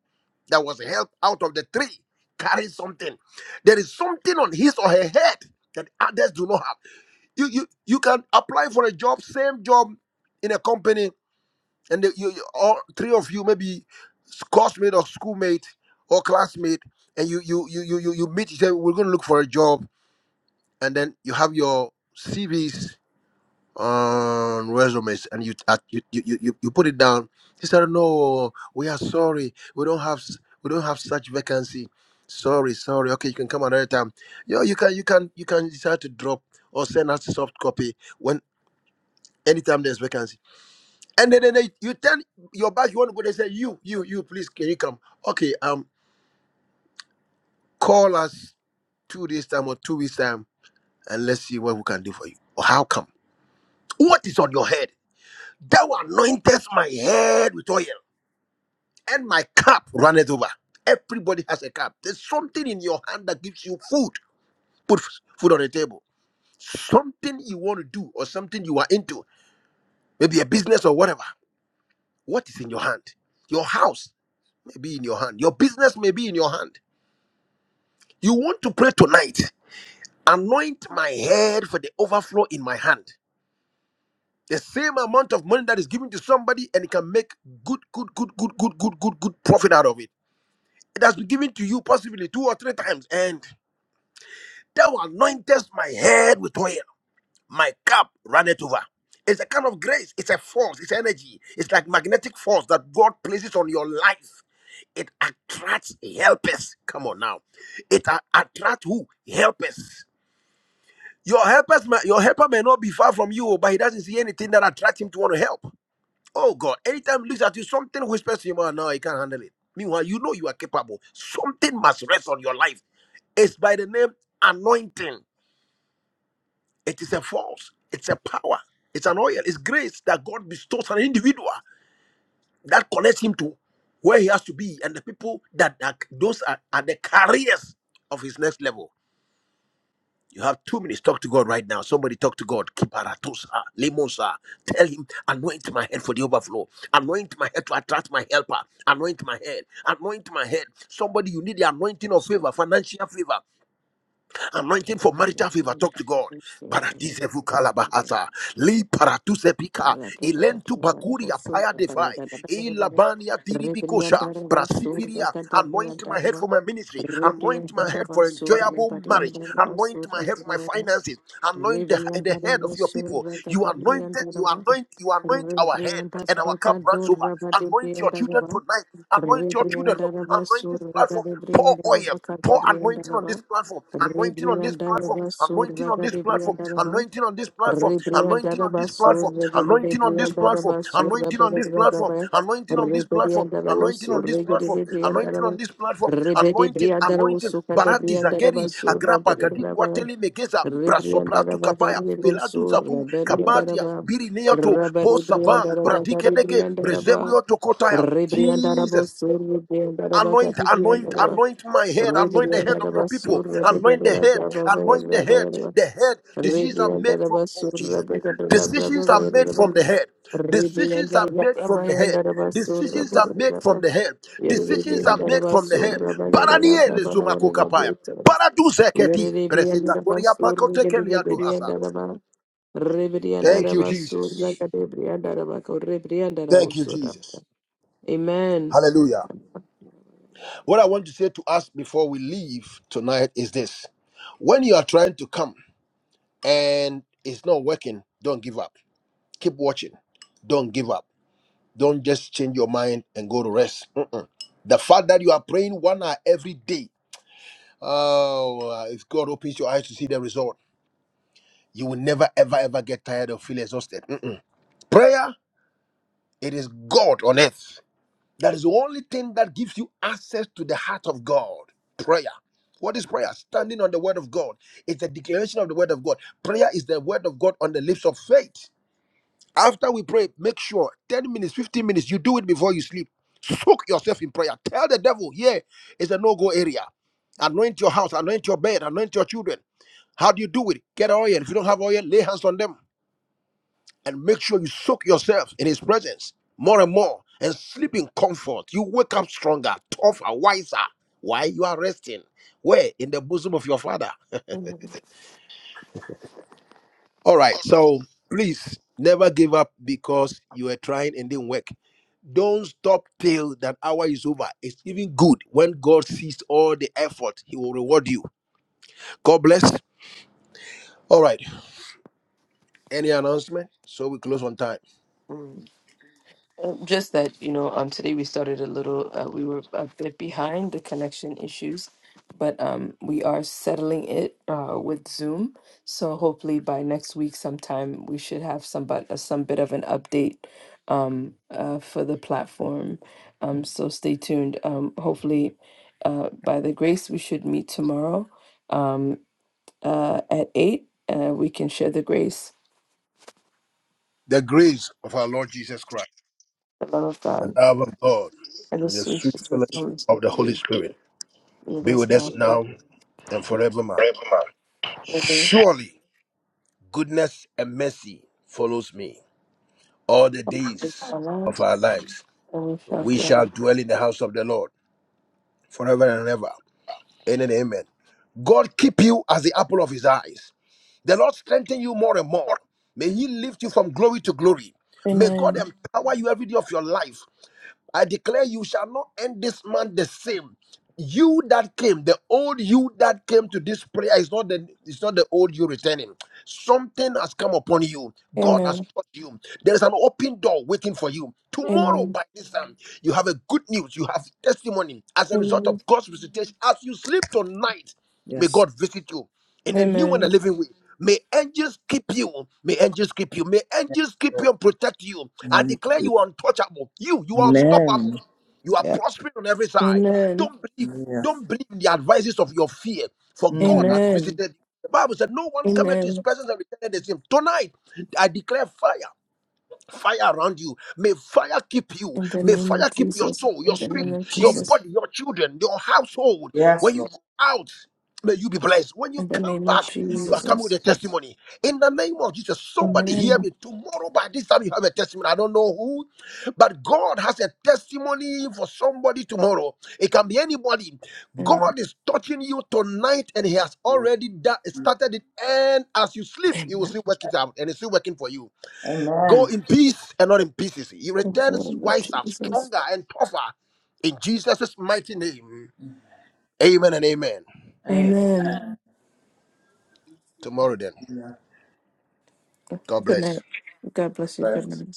Speaker 3: that was helped out of the three carries something. There is something on his or her head that others do not have. You you you can apply for a job, same job in a company, and the, you, you all three of you maybe classmate or schoolmate or classmate and you you you you you, you meet each other we're going to look for a job and then you have your cvs on resumes and you at- you, you you you you put it down he said no we are sorry we don't have s- we don't have such vacancy sorry sorry okay you can come another time Yo, you can you can you can decide to drop or send us a soft copy when anytime there's vacancy and then, then they, you tell your boss you want to go, they say, you, you, you, please, can you come? Okay, um, call us two days time or two weeks time and let's see what we can do for you. Or how come? What is on your head? Thou anointest my head with oil and my cup runneth over. Everybody has a cup. There's something in your hand that gives you food. Put f- food on the table. Something you want to do or something you are into. Maybe a business or whatever. What is in your hand? Your house may be in your hand. Your business may be in your hand You want to pray tonight? Anoint my head for the overflow in my hand. The same amount of money that is given to somebody and it can make good, good, good, good, good, good, good, good profit out of it. It has been given to you possibly two or three times. And thou anointest my head with oil. My cup runneth over. It's a kind of grace. It's a force. It's energy. It's like magnetic force that God places on your life. It attracts helpers. Come on now. It a- attracts who? Helpers Your helpers, may- your helper may not be far from you, oh, but he doesn't see anything that attracts him to want to help. Oh God! Anytime he looks at you, something whispers to him, "Oh no, he can't handle it." Meanwhile, you know you are capable. Something must rest on your life. It's by the name anointing. It is a force. It's a power. It's an oil. It's grace that God bestows on an individual that connects him to where he has to be and the people that, that those are, are the carriers of his next level. You have two minutes. Talk to God right now. Somebody talk to God. Kiparatosa, limosa. Tell him, anoint my head for the overflow. Anoint my head to attract my helper. Anoint my head. Anoint my head. Somebody, you need the anointing of favor, financial favor. Anointing for marital favor. Talk to God. Paradisevu kalabahata. Li paratusepika. Elentu bakuria paya defai. Elabania diribikosha. Prasifiria. Anoint my head for my ministry. Anoint my head for enjoyable marriage. Anoint my head for my
Speaker 2: Rebriandarabasur,
Speaker 3: finances. Anoint the, the
Speaker 2: Rebrianda
Speaker 3: head of
Speaker 2: Rama
Speaker 3: your people.
Speaker 2: Suraka
Speaker 3: You anointed,
Speaker 2: Debrianda
Speaker 3: you
Speaker 2: Rama
Speaker 3: anoint, you anoint our head
Speaker 2: Rebrianda
Speaker 3: and our cup
Speaker 2: Sabaka
Speaker 3: runs over.
Speaker 2: Duraba
Speaker 3: Anoint your
Speaker 2: Debrianda
Speaker 3: children
Speaker 2: Rama
Speaker 3: tonight. Anoint your children, Lord.
Speaker 2: Rebrianda Rama
Speaker 3: Anoint this
Speaker 2: Suraka
Speaker 3: platform. Pour
Speaker 2: Debrianda
Speaker 3: oil.
Speaker 2: Rama
Speaker 3: Pour
Speaker 2: Kadebrianda
Speaker 3: anointing on
Speaker 2: Rama
Speaker 3: this platform. Anointing on this
Speaker 2: Rebrianda
Speaker 3: platform.
Speaker 2: Rama
Speaker 3: Anointing on
Speaker 2: Suraka
Speaker 3: this platform.
Speaker 2: Debrianda Rama
Speaker 3: Anointing on this platform.
Speaker 2: Rebrianda
Speaker 3: Anointing on
Speaker 2: Rama
Speaker 3: this platform.
Speaker 2: Suraka
Speaker 3: Anointing on this
Speaker 2: Debrianda
Speaker 3: platform.
Speaker 2: Rama
Speaker 3: Anointing
Speaker 2: Suraka
Speaker 3: on this
Speaker 2: Debrianda
Speaker 3: platform. Anointing on this platform.
Speaker 2: Rebrianda Rama
Speaker 3: Anointing anointing on this
Speaker 2: Suraka
Speaker 3: platform,
Speaker 2: Debrianda
Speaker 3: anointing on this platform,
Speaker 2: Rebede
Speaker 3: anointing,
Speaker 2: Brianda Rama
Speaker 3: anointing.
Speaker 2: Suraka
Speaker 3: Barati
Speaker 2: Debrianda Rama
Speaker 3: Zageri,
Speaker 2: Suraka
Speaker 3: Agrapa, Gadi,
Speaker 2: Debrianda Rama
Speaker 3: Kwateli, Megeza, Prasopratu, Kabaya, Pelatu,
Speaker 2: Rebriandarabagaribosur,
Speaker 3: Zaku, Kabatia,
Speaker 2: Rebelliandaraba,
Speaker 3: Biri, Neoto, Bosava, Bradike, Dege,
Speaker 2: Rabaribriandarabagaribriandaraba,
Speaker 3: Brezebrio, Tokotaya. Jesus.
Speaker 2: Rebriandarabosur,
Speaker 3: Anoint, anoint,
Speaker 2: Rebriandarabagaribriandaraba,
Speaker 3: anoint my head, anoint the head of your people,
Speaker 2: Rebriandarabasur,
Speaker 3: anoint the head, anoint the head,
Speaker 2: Rebriandarababayarabayaraba,
Speaker 3: the head. Decisions are made from, oh
Speaker 2: Rebriandarabasur,
Speaker 3: Jesus, decisions are made
Speaker 2: Rebriandarababayaraba,
Speaker 3: from the head, decisions are made from the head, decisions are made
Speaker 2: Rebriandarababayarabasur,
Speaker 3: from the head,
Speaker 2: Yerubi
Speaker 3: decisions are
Speaker 2: and
Speaker 3: made from the
Speaker 2: Darabasur,
Speaker 3: head.
Speaker 2: Rabayada,
Speaker 3: Baranie le
Speaker 2: Brababa,
Speaker 3: sumako
Speaker 2: Yerubi
Speaker 3: kapaya, baradu zeketi,
Speaker 2: and
Speaker 3: presita koria
Speaker 2: Darabasur,
Speaker 3: makotekelia
Speaker 2: Gedibri and
Speaker 3: duhasa.
Speaker 2: Daraba, Ribri and
Speaker 3: Thank you,
Speaker 2: Darabasur,
Speaker 3: Jesus.
Speaker 2: Yakadibri and Darabako, Ribri and
Speaker 3: Thank you,
Speaker 2: Darabosuda.
Speaker 3: Jesus.
Speaker 2: Amen.
Speaker 3: Hallelujah. What I want to say to us before we leave tonight is this when you are trying to come and it's not working, don't give up. Keep watching. Don't give up. Don't just change your mind and go to rest. Mm-mm. The fact that you are praying one hour every day, oh, uh, if God opens your eyes to see the result, you will never, ever, ever get tired or feel exhausted. Mm-mm. Prayer, it is God on earth. That is the only thing that gives you access to the heart of God. Prayer. What is prayer? Standing on the word of God. It's a declaration of the word of God. Prayer is the word of God on the lips of faith. After we pray, make sure 10 minutes, 15 minutes, you do it before you sleep. Soak yourself in prayer. Tell the devil, yeah, it's a no go area. Anoint your house, anoint your bed, anoint your children. How do you do it? Get oil. If you don't have oil, lay hands on them and make sure you soak yourself in his presence more and more and sleep in comfort. You wake up stronger, tougher, wiser. Why you are resting? Where? In the bosom of your father. All right. So please never give up because you were trying and didn't work. Don't stop till that hour is over. It's even good when God sees all the effort, He will reward you. God bless. All right. Any announcement? So we close on time.
Speaker 2: Uh, Just that, you know, um, today we started a little, uh, we were a bit behind the connection issues, but um, we are settling it uh, with Zoom. So hopefully by next week sometime, we should have some, but, uh, some bit of an update um, uh, for the platform. Um, so stay tuned. Um, hopefully, uh, by the grace, we should meet tomorrow um, uh, at 8. Uh, we can share the grace,
Speaker 3: The grace of our Lord Jesus Christ,
Speaker 2: the love of
Speaker 3: the
Speaker 2: God,
Speaker 3: love of God,
Speaker 2: and the sweet
Speaker 3: the
Speaker 2: spirit of the
Speaker 3: Fellowship
Speaker 2: Holy
Speaker 3: of the
Speaker 2: Spirit.
Speaker 3: Holy Spirit.
Speaker 2: Lead
Speaker 3: Be
Speaker 2: us
Speaker 3: with us
Speaker 2: now
Speaker 3: now and forevermore.
Speaker 2: for this
Speaker 3: Surely goodness and mercy follows me all the
Speaker 2: is
Speaker 3: days
Speaker 2: the
Speaker 3: of
Speaker 2: last,
Speaker 3: our lives.
Speaker 2: and we shall
Speaker 3: We shall
Speaker 2: dwell.
Speaker 3: dwell in the house of the Lord forever and ever. Amen and amen. God keep you as the apple of his eyes. The Lord strengthen you more and more. May he lift you from glory to glory. May
Speaker 2: Amen.
Speaker 3: God empower you every day of your life I declare you shall not end this month the same. You that came, the old you that came to this prayer is not the it's not the old you returning. Something has come upon you. God has
Speaker 2: Amen.
Speaker 3: touched you. There is an open door waiting for you. Tomorrow
Speaker 2: Amen.
Speaker 3: by this time, you have a good news. You have testimony as a result
Speaker 2: Amen.
Speaker 3: of God's visitation. As you sleep tonight. May
Speaker 5: Yes.
Speaker 3: God visit you in a new and a
Speaker 2: Amen.
Speaker 3: living way. May angels keep you. May angels keep you. May
Speaker 5: Yes,
Speaker 3: angels keep
Speaker 5: Lord.
Speaker 3: you and protect you. I
Speaker 5: Amen.
Speaker 3: declare you are untouchable. You, you are unstoppable.
Speaker 5: Amen.
Speaker 3: You are
Speaker 5: Yeah.
Speaker 3: prospering on every side.
Speaker 2: Amen.
Speaker 3: Don't believe,
Speaker 5: Yeah.
Speaker 3: don't believe in the advices of your fear. For God
Speaker 5: Mm.
Speaker 3: has
Speaker 2: Amen.
Speaker 3: visited you. The Bible said, No one cometh to his
Speaker 2: Amen.
Speaker 3: presence and returneth the same. Tonight, I declare fire fire around you. May fire keep you.
Speaker 2: In the
Speaker 3: May
Speaker 2: name of
Speaker 3: fire keep your
Speaker 2: Jesus.
Speaker 3: soul, your
Speaker 2: In the name
Speaker 3: spirit,
Speaker 2: of
Speaker 3: your
Speaker 5: Jesus.
Speaker 2: Jesus.
Speaker 3: body, your children, your household.
Speaker 5: Yes,
Speaker 3: When you
Speaker 5: Lord.
Speaker 3: go out, may you be blessed. When
Speaker 2: In
Speaker 3: you
Speaker 2: the
Speaker 3: come
Speaker 2: name of
Speaker 3: back, you are
Speaker 5: Jesus.
Speaker 3: coming with a
Speaker 2: Jesus.
Speaker 3: testimony. In the name of Jesus, somebody hear
Speaker 2: Amen.
Speaker 3: me. Tomorrow by this time you have a testimony. I don't know who, but God has a testimony for somebody tomorrow. It can be anybody.
Speaker 2: Amen.
Speaker 3: God is touching you tonight, and He has
Speaker 5: Amen.
Speaker 3: already da- started it. And as you sleep, He will
Speaker 2: Amen.
Speaker 3: still work it out, and it's still working for you. Go
Speaker 5: Amen.
Speaker 3: in peace and not in pieces. He
Speaker 2: In the
Speaker 3: returns
Speaker 2: name of
Speaker 3: wiser,
Speaker 2: Jesus.
Speaker 3: stronger, and tougher in Jesus' mighty name. Amen and amen.
Speaker 2: Amen.
Speaker 3: Tomorrow then.
Speaker 5: Yeah.
Speaker 3: God
Speaker 2: Good
Speaker 3: bless.
Speaker 2: night. God bless you. Good
Speaker 5: Right.
Speaker 2: night.